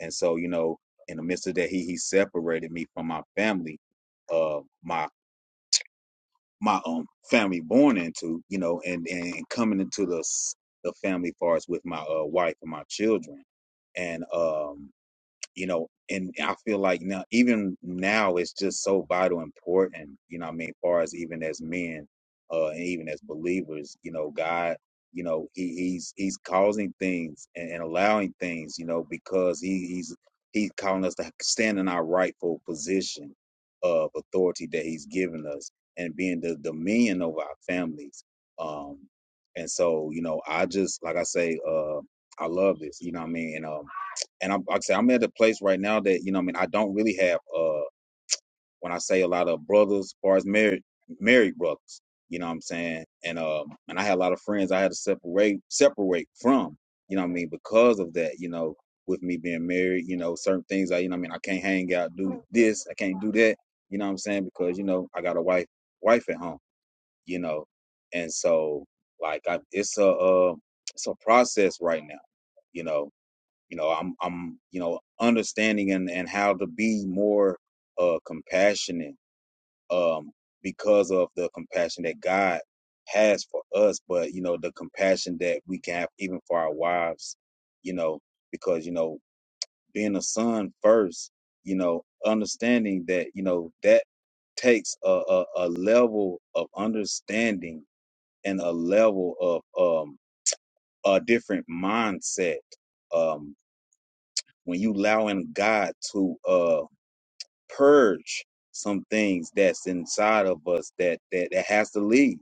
S3: and so you know in the midst of that he he separated me from my family, uh, my my um family born into you know and and coming into the s- the family far as with my uh, wife and my children, and um you know, and I feel like now, even now, it's just so vital important, you know, what I mean, far as even as men, uh, and even as believers, you know, God, you know, he, he's he's causing things and, and allowing things, you know, because he, he's he's calling us to stand in our rightful position of authority that he's given us and being the dominion over our families. Um, and so, you know, I just like I say, uh, I love this, you know, what I mean, And um, and I'm like I say I'm at a place right now that you know what I mean I don't really have uh when I say a lot of brothers as far as married married brothers you know what I'm saying and um and I had a lot of friends I had to separate separate from you know what I mean because of that you know with me being married you know certain things I you know what I mean I can't hang out do this I can't do that you know what I'm saying because you know I got a wife wife at home you know and so like I, it's a uh, it's a process right now you know you know i'm i'm you know understanding and and how to be more uh compassionate um because of the compassion that god has for us but you know the compassion that we can have even for our wives you know because you know being a son first you know understanding that you know that takes a a, a level of understanding and a level of um a different mindset um when you allowing God to uh purge some things that's inside of us that that, that has to leave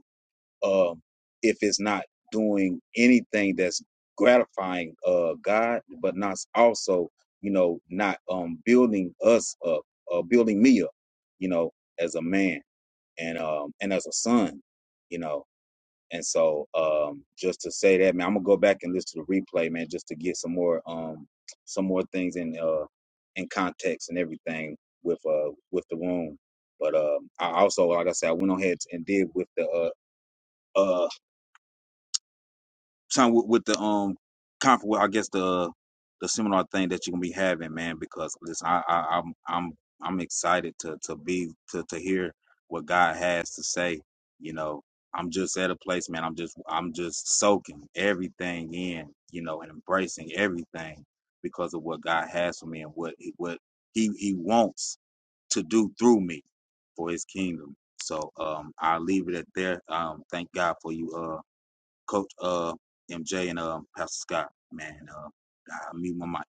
S3: um if it's not doing anything that's gratifying uh God but not also you know not um building us up uh building me up you know as a man and um and as a son you know and so, um, just to say that, man, I'm gonna go back and listen to the replay, man, just to get some more, um, some more things in, uh, in context and everything with, uh, with the room. But um, I also, like I said, I went on ahead and did with the, uh, uh, time with, with the um conference, well, I guess the the seminar thing that you're gonna be having, man, because listen, I, I I'm I'm I'm excited to to be to to hear what God has to say. You know, I'm just at a place, man. I'm just I'm just soaking everything in, you know, and embracing everything because of what God has for me and what he, what he he wants to do through me for his kingdom. So um I'll leave it at there. Um thank God for you uh. Coach uh, MJ and uh, Pastor Scott, man. Uh, I mute my mic.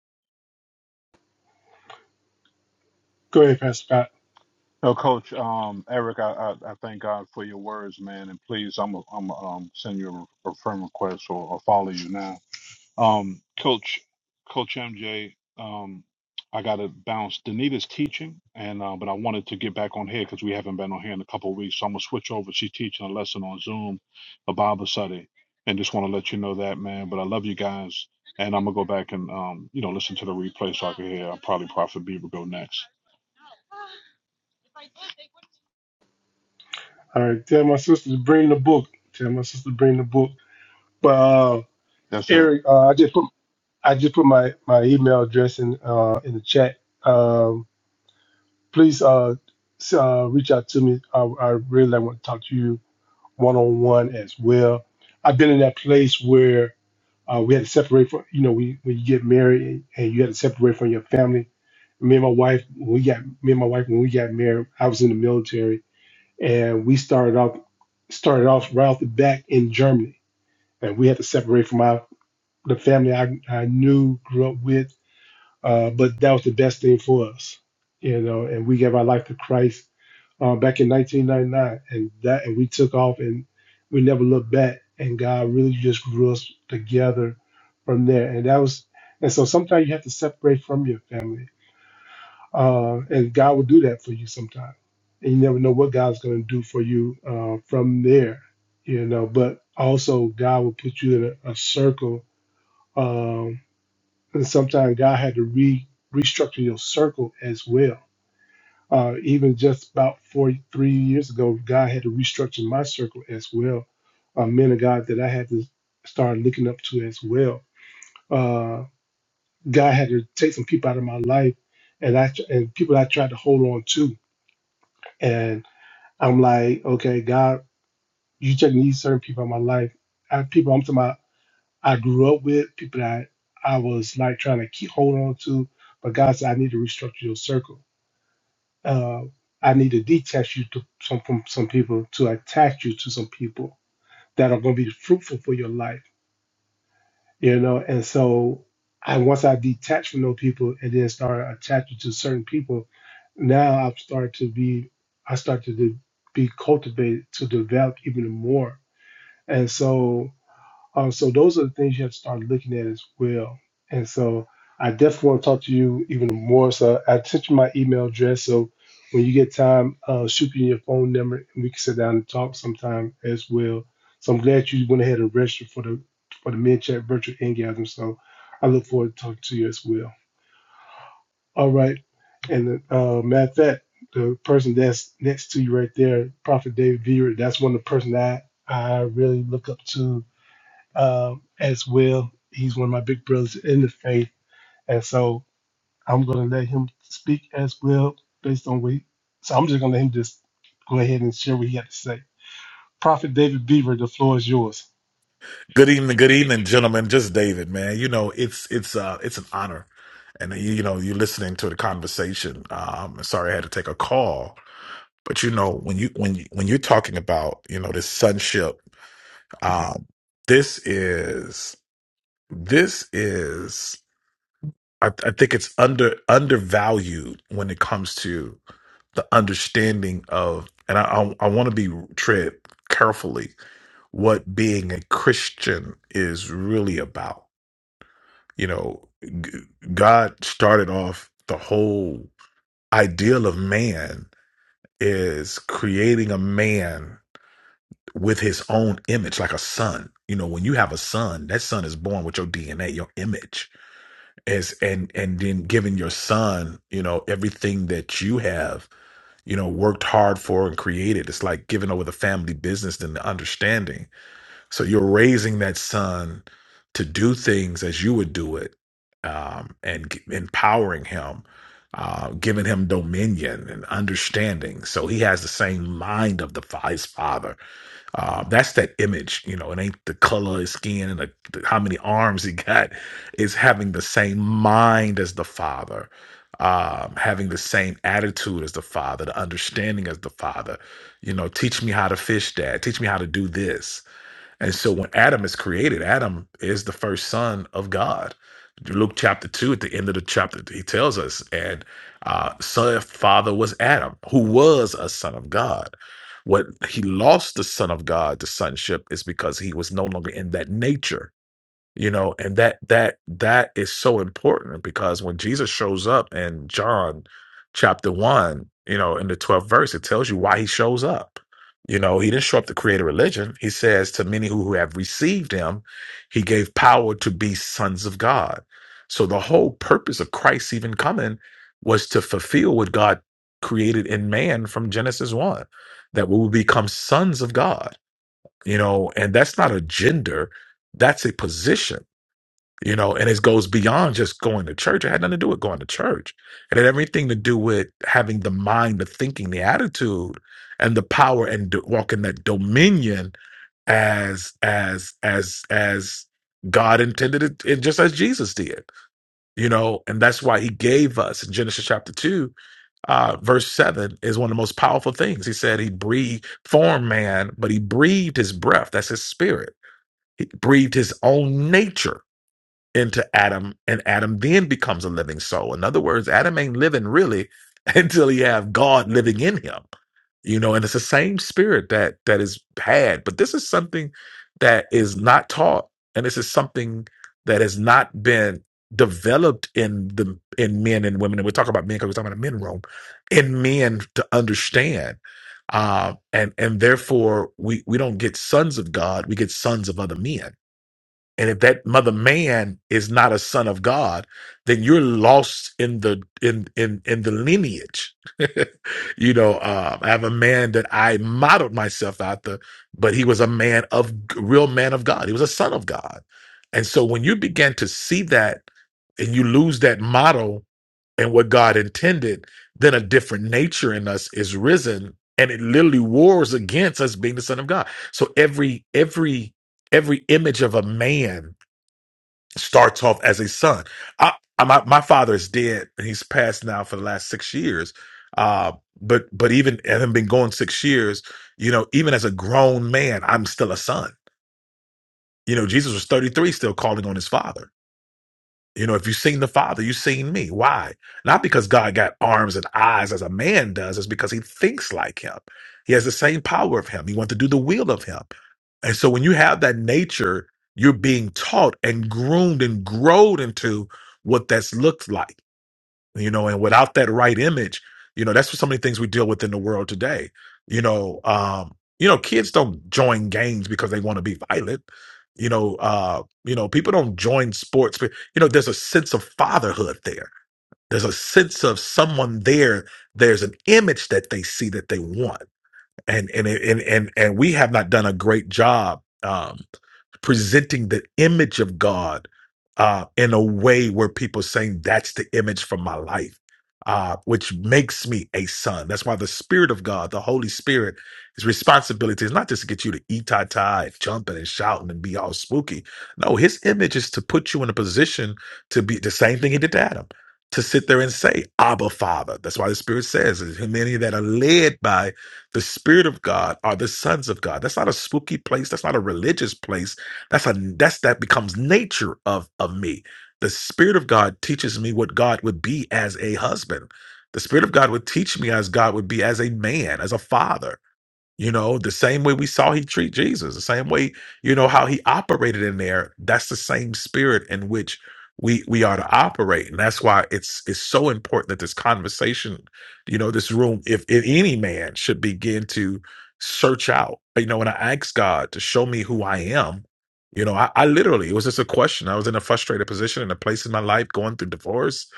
S1: Go ahead, Pastor Scott.
S2: Oh, Coach um, Eric, I, I, I thank God for your words, man, and please, I'm i I'm a, um send you a, a friend request or, or follow you now. Um, Coach, Coach MJ, um, I got to bounce. Danita's teaching, and uh, but I wanted to get back on here because we haven't been on here in a couple of weeks. So I'm gonna switch over. She's teaching a lesson on Zoom, a Bible study, and just want to let you know that, man. But I love you guys, and I'm gonna go back and um, you know, listen to the replay so I can hear. I'll probably Prophet Beaver go next.
S1: All right, tell my sister to bring the book. Tell my sister to bring the book. But uh,
S2: Yes, sir.
S1: Eric, uh, I just put I just put my, my email address in uh, in the chat. Um, please uh, s- uh, reach out to me. I, I really want to talk to you one on one as well. I've been in that place where uh, we had to separate from, you know, we, when you get married and, and you had to separate from your family. Me and my wife, when we got me and my wife when we got married. I was in the military, and we started off started off right off the bat in Germany, and we had to separate from our the family I, I knew, grew up with uh, but that was the best thing for us, you know. And we gave our life to Christ uh, back in 1999, and that and we took off and we never looked back. And God really just grew us together from there. And that was, and so sometimes you have to separate from your family, uh, and God will do that for you sometimes. And you never know what God's going to do for you uh, from there, you know. But also, God will put you in a, a circle. um, and sometimes God had to re restructure your circle as well. Uh, even just about four, three years ago, God had to restructure my circle as well. Uh, men of God that I had to start looking up to as well. Uh, God had to take some people out of my life, and I and people I tried to hold on to. And I'm like, okay, God, you take these certain people out of my life. I, people, I'm talking about I grew up with, people that I was like trying to keep hold on to. But God said, I need to restructure your circle. Uh, I need to detach you to some, from some people, to attach you to some people that are going to be fruitful for your life, you know. And so, I once I detached from those people and then started attaching to certain people, now I've started to be, I started to be cultivated to develop even more. And so, Uh, so those are the things you have to start looking at as well. And so I definitely want to talk to you even more. So I sent you my email address. So when you get time, uh, shoot me your phone number and we can sit down and talk sometime as well. So I'm glad you went ahead and registered for the for the Men Chat Virtual Ingathering. So I look forward to talking to you as well. All right. And uh, matter of fact, the person that's next to you right there, Prophet David Beard, that's one of the person that I really look up to um, as well. He's one of my big brothers in the faith, and so I'm going to let him speak as well based on what. He, so I'm just going to let him just go ahead and share what he had to say. Prophet David Beaver, the floor is yours.
S4: Good evening, good evening, gentlemen. Just David, man. You know, it's it's uh it's an honor, and uh, you, you know you're listening to the conversation. Um, sorry I had to take a call, but you know when you when you, when you're talking about you know this sonship, um, this is this is I, I think it's under undervalued when it comes to the understanding of, and I I, I want to be tread carefully what being a Christian is really about You know, g- God started off the whole ideal of man is creating a man with his own image, like a son. You know, when you have a son, that son is born with your DNA, your image, as and and then giving your son, you know, everything that you have, you know, worked hard for and created. It's like giving over the family business and the understanding so you're raising that son to do things as you would do it, um, and g- empowering him, uh, giving him dominion and understanding. So he has the same mind of the fa- his father. Uh, that's that image. You know, it ain't the color of his skin and the, the- how many arms he got. It's having the same mind as the father. Um, having the same attitude as the father, the understanding as the father, you know, teach me how to fish, dad. Teach me how to do this and so when Adam is created, Adam is the first son of God. Luke chapter 2, at the end of the chapter, he tells us, and uh, son, father was Adam, who was a son of God. What he lost the son of God, the sonship, is because he was no longer in that nature you know and that that that is so important because when jesus shows up in john chapter 1 you know in the 12th verse it tells you why he shows up you know he didn't show up to create a religion he says to many who who have received him he gave power to be sons of god so the whole purpose of christ even coming was to fulfill what god created in man from genesis 1 that we will become sons of god you know and that's not a gender that's a position you know, and it goes beyond just going to church. It had nothing to do with going to church. It had everything to do with having the mind, the thinking, the attitude, and the power, and do, walking that dominion as as as as God intended it, and just as Jesus did. You know, and that's why He gave us in Genesis chapter two, uh, verse 7 is one of the most powerful things. He said he breathed, formed man, but he breathed his breath. That's his spirit. He breathed his own nature into Adam, and Adam then becomes a living soul. In other words, Adam ain't living really until he have God living in him. You know, and it's the same spirit that that is had. But this is something that is not taught, and this is something that has not been developed in the in men and women. And we're talking about men because we're talking about a men room in men to understand. Uh, and and therefore we we don't get sons of God, we get sons of other men and if that mother man is not a son of God, then you're lost in the in in in the lineage. you know, uh, I have a man that I modeled myself after, but he was a man of real man of God. He was a son of God. And so when you begin to see that and you lose that model and what God intended, then a different nature in us is risen and it literally wars against us being the son of God. So every every every image of a man starts off as a son. I, I my, my father is dead. and He's passed now for the last six years. Uh, but but even having been going six years, you know, even as a grown man, I'm still a son. You know, Jesus was 33, still calling on his father you know, if you've seen the Father, you've seen me. Why? Not because God got arms and eyes as a man does, it's because he thinks like him. He has the same power of him. He wants to do the will of him. And so when you have that nature, you're being taught and groomed and growed into what that's looked like you know and without that right image you know that's what so many things we deal with in the world today you know um you know kids don't join gangs because they want to be violent you know uh you know people don't join sports but you know there's a sense of fatherhood there there's a sense of someone there there's an image that they see that they want and and and and, and we have not done a great job Um, presenting the image of God uh, in a way where people saying that's the image for my life, uh, which makes me a son. That's why the Spirit of God, the Holy Spirit, his responsibility is not just to get you to eat tie tie, jumping and shouting and be all spooky. No, his image is to put you in a position to be the same thing he did to Adam. To sit there and say, Abba Father. That's why the Spirit says, "And many that are led by the Spirit of God are the sons of God. That's not a spooky place. That's not a religious place that's a that's that becomes nature of of me. The Spirit of God teaches me what God would be as a husband. The Spirit of God would teach me as God would be as a man, as a father. You know, the same way we saw he treat Jesus, the same way, you know, how he operated in there, that's the same spirit in which we we are to operate. And that's why it's it's so important that this conversation, you know, this room, if, if any man should begin to search out, you know, when I ask God to show me who I am, you know, I, I literally it was just a question. I was in a frustrated position in a place in my life going through divorce.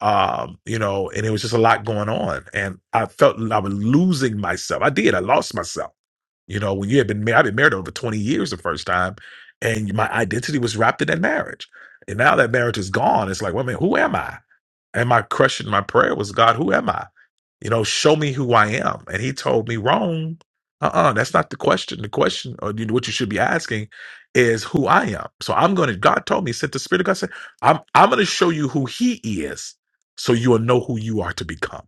S4: Um, you know, and it was just a lot going on. And I felt I was losing myself. I did, I lost myself you know, when you had been married, I've been married over 20 years the first time, and my identity was wrapped in that marriage. And now that marriage is gone, it's like, well, man, who am I? And my question, my prayer was, God, who am I? You know, show me who I am. And he told me, wrong. Uh-uh, that's not the question. The question, or you- what you should be asking, is who I am. So I'm gonna. God told me, sent the Spirit of God said, I'm I'm gonna show you who He is, so you'll know who you are to become.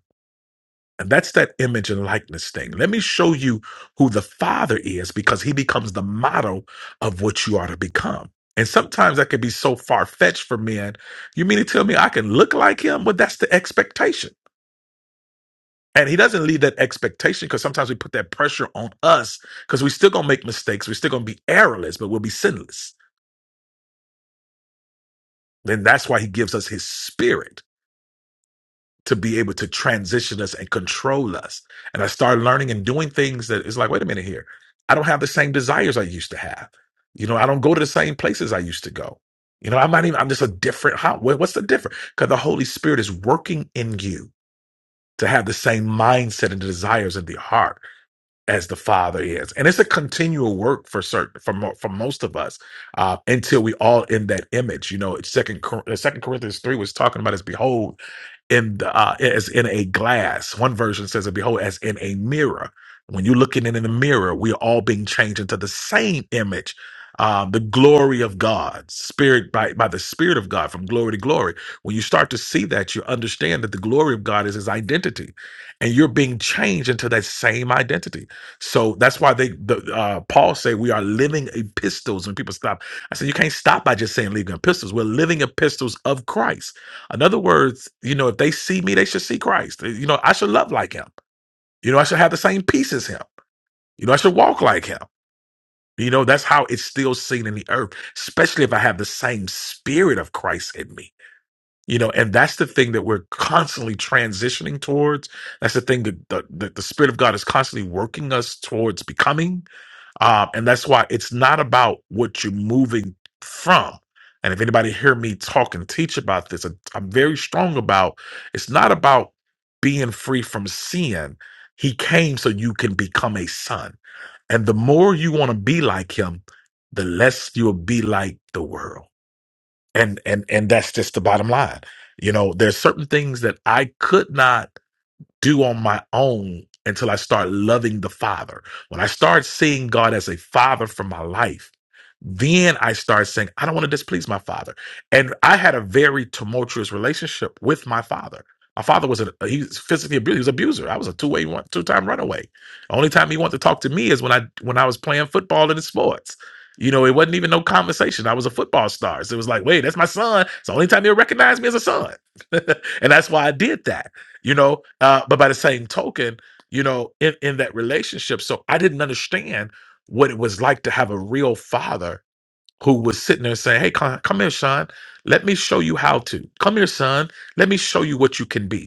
S4: And that's that image and likeness thing. Let me show you who the Father is because he becomes the model of what you are to become. And sometimes that can be so far fetched for men. You mean to tell me I can look like him? Well, that's the expectation. And he doesn't leave that expectation because sometimes we put that pressure on us because we're still going to make mistakes. We're still going to be errorless, but we'll be sinless. Then that's why he gives us his spirit to be able to transition us and control us. And I started learning and doing things that it's like, wait a minute here. I don't have the same desires I used to have. You know, I don't go to the same places I used to go. You know, I'm not even, I'm just a different, how, what- what's the difference? Because the Holy Spirit is working in you to have the same mindset and desires of the heart as the Father is, and it's a continual work for certain for mo- for most of us uh, until we all in that image. You know, Second Cor- uh, Second Corinthians three was talking about as behold in the uh, as in a glass. One version says, "Behold, as in a mirror." When you're looking in, in the mirror, we're all being changed into the same image, um, the glory of God, spirit by by the Spirit of God, from glory to glory. When you start to see that, you understand that the glory of God is His identity, and you're being changed into that same identity. So that's why they the uh Paul say we are living epistles when people stop. I said you can't stop by just saying living epistles. We're living epistles of Christ. In other words, you know, if they see me, they should see Christ. You know, I should love like him. You know, I should have the same peace as him. You know, I should walk like him. You know, that's how it's still seen in the earth, especially if I have the same spirit of Christ in me. You know, and that's the thing that we're constantly transitioning towards. That's the thing that the, that the Spirit of God is constantly working us towards becoming um, and that's why it's not about what you're moving from. And if anybody hear me talk and teach about this, i I'm very strong about it's not about being free from sin. He came so you can become a son. And the more you want to be like him, the less you'll be like the world. And and and that's just the bottom line. You know, there's certain things that I could not do on my own until I start loving the Father. When I start seeing God as a Father for my life, then I start saying, I don't want to displease my Father. And I had a very tumultuous relationship with my Father. My father was a he was physically abused. He was an abuser. I was a two way one two time runaway. The only time he wanted to talk to me is when I when I was playing football in the sports. You know, it wasn't even no conversation. I was a football star. So it was like, wait, that's my son. It's the only time he'll recognize me as a son. and that's why I did that you know uh, but by the same token you know in, in that relationship so i didn't understand what it was like to have a real father who was sitting there saying hey come, come here son let me show you how to come here son let me show you what you can be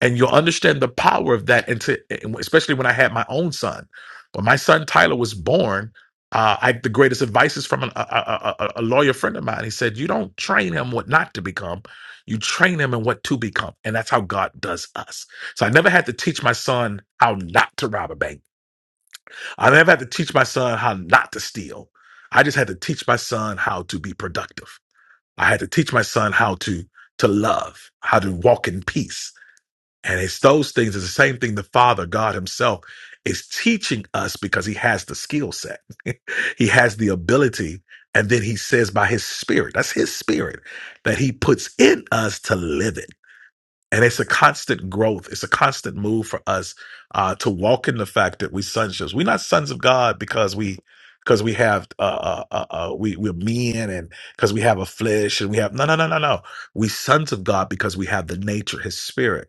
S4: and you'll understand the power of that and to and especially when i had my own son when my son tyler was born uh, i the greatest advice is from an, a, a, a a lawyer friend of mine he said you don't train him what not to become you train him in what to become and that's how god does us so i never had to teach my son how not to rob a bank i never had to teach my son how not to steal i just had to teach my son how to be productive i had to teach my son how to to love how to walk in peace and it's those things, it's the same thing the Father, God Himself, is teaching us because He has the skill set, He has the ability. And then He says by His Spirit, that's His Spirit, that He puts in us to live it. And it's a constant growth. It's a constant move for us uh, to walk in the fact that we sonships. We're not sons of God because we because we have uh, uh, uh, uh, we we're men and because we have a flesh and we have no no no no no. We sons of God because we have the nature, His Spirit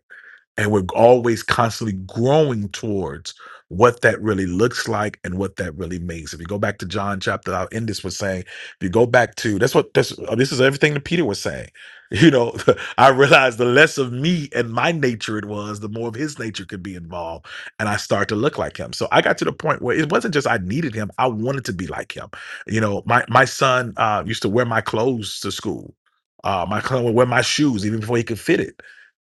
S4: and we're always constantly growing towards what that really looks like and what that really means. If you go back to John chapter, I'll end this with saying, if you go back to that's what that's uh, this is everything that Peter was saying. You know, I realized the less of me and my nature it was, the more of his nature could be involved, and I start to look like him. So I got to the point where it wasn't just I needed him; I wanted to be like him. You know, my my son uh, used to wear my clothes to school. Uh, my son would wear my shoes even before he could fit it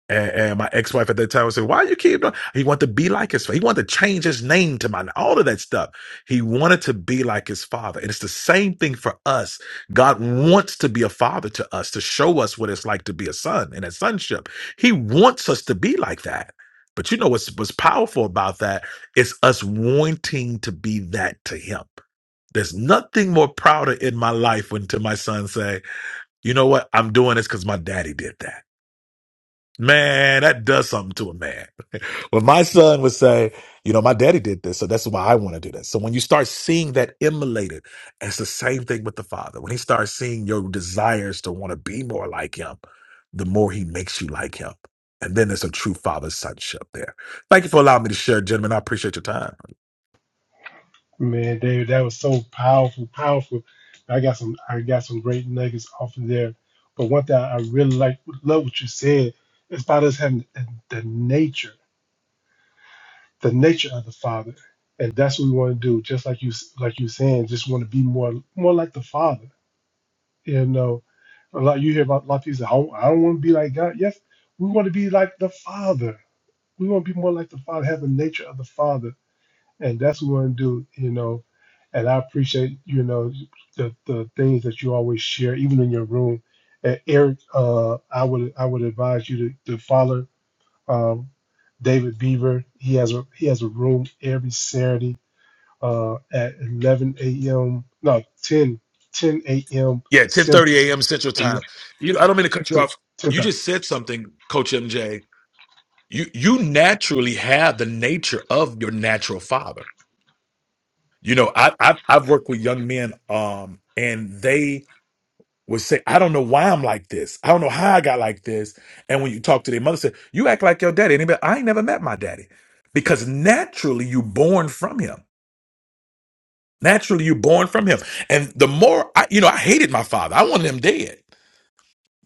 S4: and, and my ex-wife at that time would say, why you keep doing? He wanted to be like his, father. he wanted to change his name to mine, all of that stuff. He wanted to be like his father. And it's the same thing for us. God wants to be a father to us, to show us what it's like to be a son and a sonship. He wants us to be like that. But you know what's, what's powerful about that? It's us wanting to be that to him. There's nothing more prouder in my life when to my son say, you know what? I'm doing this because my daddy did that. Man, that does something to a man. when my son would say, you know, my daddy did this, so that's why I want to do this. So when you start seeing that immolated, it's the same thing with the father. When he starts seeing your desires to want to be more like him, the more he makes you like him. And then there's a true father sonship there. Thank you for allowing me to share, gentlemen. I appreciate your time.
S1: Man, David, that was so powerful, powerful. I got some, I got some great nuggets off of there. But one thing I really like, love what you said. is about us having the the nature. the nature of the Father, and that's what we want to do. Just like you, like you saying, just want to be more, more like the Father. You know, a lot you hear about a lot of people say, "I don't, I don't want to be like God." Yes, we want to be like the Father. We want to be more like the Father, have the nature of the Father, and that's what we want to do. You know, and I appreciate you know the the things that you always share, even in your room. And Eric, uh, I would I would advise you to, to follow. Um, David Beaver, he has a he has a room every Saturday uh, at 11 a.m. No, 10 10 a.m.
S4: Yeah, 10:30
S1: Central,
S4: a.m. Central
S1: and
S4: Time. You I don't mean to cut you
S1: to,
S4: off.
S1: to
S4: You
S1: the
S4: just said something, Coach MJ. You you naturally have the nature of your natural father You know, I, I I've worked with young men, um, and they would say, "I don't know why I'm like this. I don't know how I got like this." And when you talk to their mother, say, "You act like your daddy." Anybody? I ain't never met my daddy, because naturally you born from him. Naturally you born from him. And the more I, you know, I hated my father. I wanted him dead.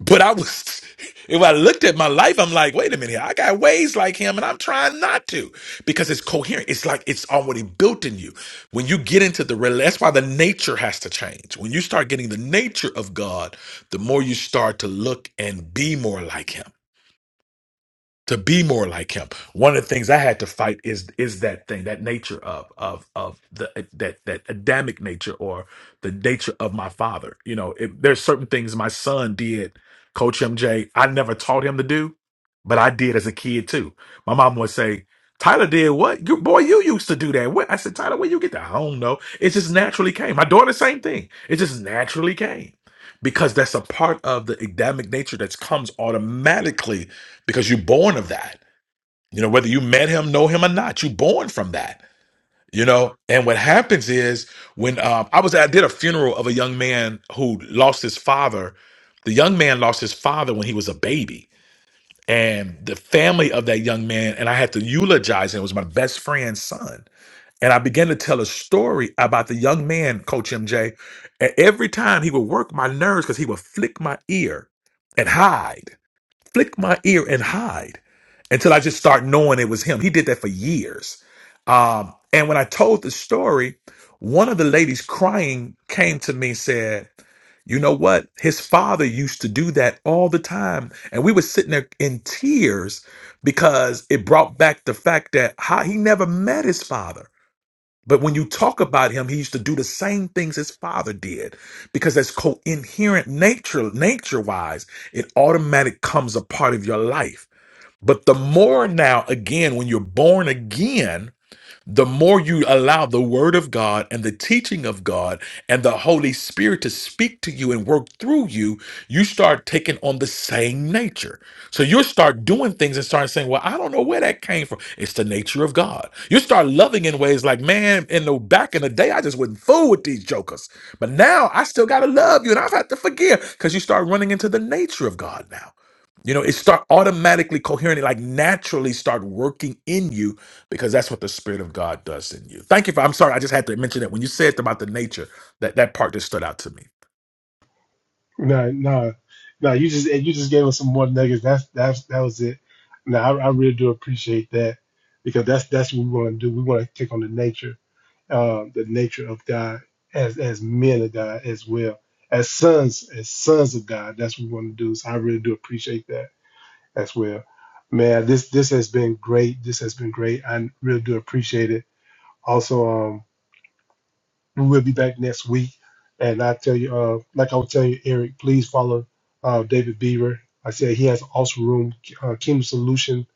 S4: But I was, if I looked at my life, I'm like, wait a minute, I got ways like him and I'm trying not to because it's coherent. It's like it's already built in you. When you get into the, rela- that's why the nature has to change. When you start getting the nature of God, the more you start to look and be more like him to be more like him. One of the things I had to fight is is that thing, that nature of of of the that that Adamic nature or the nature of my father. You know, it, there's certain things my son did, Coach MJ. I never taught him to do, but I did as a kid too. My mom would say. Tyler did what? You, boy, you used to do that. What? I said, Tyler, where you get that? I don't know. It just naturally came. My daughter, same thing. It just naturally came because that's a part of the Adamic nature that comes automatically because you're born of that. You know, whether you met him, know him or not, you're born from that. You know, and what happens is when um, I was I did a funeral of a young man who lost his father. The young man lost his father when he was a baby, and the family of that young man and I had to eulogize him. It was my best friend's son, and I began to tell a story about the young man, Coach MJ. And every time he would work my nerves because he would flick my ear and hide flick my ear and hide until I just start knowing it was him. He did that for years. Um, and when I told the story, one of the ladies crying came to me and said, You know what? His father used to do that all the time. And we were sitting there in tears because it brought back the fact that how he never met his father but when you talk about him, he used to do the same things his father did because that's coherent nature, nature wise, it automatic comes a part of your life. But the more now, again, when you're born again, the more you allow the word of God and the teaching of God and the Holy Spirit to speak to you and work through you, you start taking on the same nature. So you'll start doing things and start saying, Well, I don't know where that came from. It's the nature of God. You start loving in ways like, man, in the back in the day, I just wouldn't fool with these jokers. But now I still gotta love you and I've had to forgive because you start running into the nature of God now. You know, it start automatically coherently, like naturally start working in you because that's what the Spirit of God does in you. Thank you for. I'm sorry, I just had to mention that when you said about the nature, that that part just stood out to me.
S1: no no no you just you just gave us some more nuggets. That's that's that was it. No, I, I really do appreciate that because that's that's what we want to do. We want to take on the nature uh, the nature of God as as men of God as well as sons as sons of God. That's what we want to do. So I really do appreciate that. as well. Man, this this has been great. This has been great. I really do appreciate it. Also, um, we will be back next week, and I tell you, uh, like I was telling you, Eric, please follow uh, David Beaver. I said he has an awesome room, uh, Kingdom Solution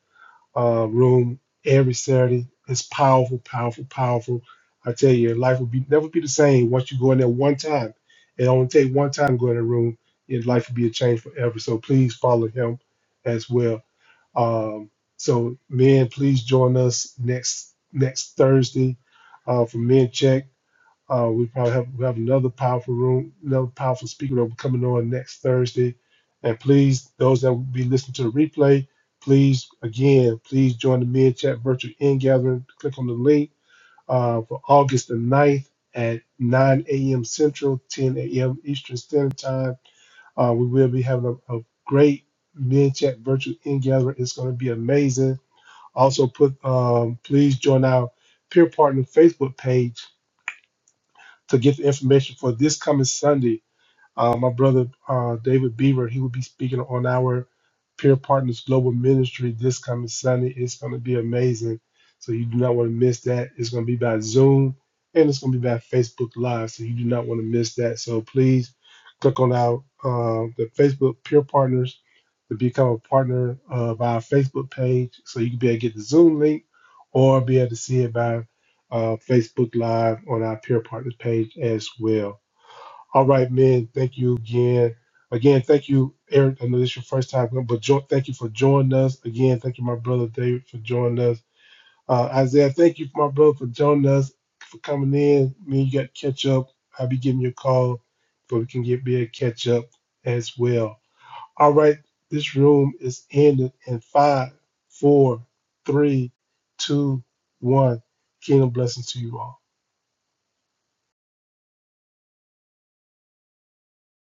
S1: uh, room every Saturday. It's powerful, powerful, powerful. I tell you, life will be never be the same once you go in there one time. It only take one time to go in the room, and life will be a change forever. So please follow him as well. Um, so, men, please join us next next Thursday uh, for Men Check. Uh, we probably have we have another powerful room, another powerful speaker that will be coming on next Thursday. And please, those that will be listening to the replay, please again, please join the Men Check virtual in gathering. Click on the link uh, for August the ninth at 9 a.m. Central, 10 a.m. Eastern Standard Time. Uh, we will be having a, a great Men Chat virtual in gathering. It's going to be amazing. Also, put um, please join our peer partner Facebook page to get the information for this coming Sunday. Uh, my brother uh, David Beaver, he will be speaking on our Peer Partners Global Ministry this coming Sunday. It's going to be amazing. So you do not want to miss that. It's going to be by Zoom and it's going to be by Facebook Live. So you do not want to miss that. So please click on our uh, the Facebook Peer Partners to become a partner of our Facebook page. So you can be able to get the Zoom link or be able to see it by uh, Facebook Live on our Peer Partners page as well. All right, man. Thank you again. Again, thank you, Eric. I know this is your first time, but jo- thank you for joining us. Again, thank you, my brother David, for joining us. Uh, Isaiah, thank you, my brother, for joining us, for coming in. Me and you got to catch up. I'll be giving you a call so we can get be a catch up as well. All right, this room is ended in five, four, three, two, one. Kingdom blessings to you all.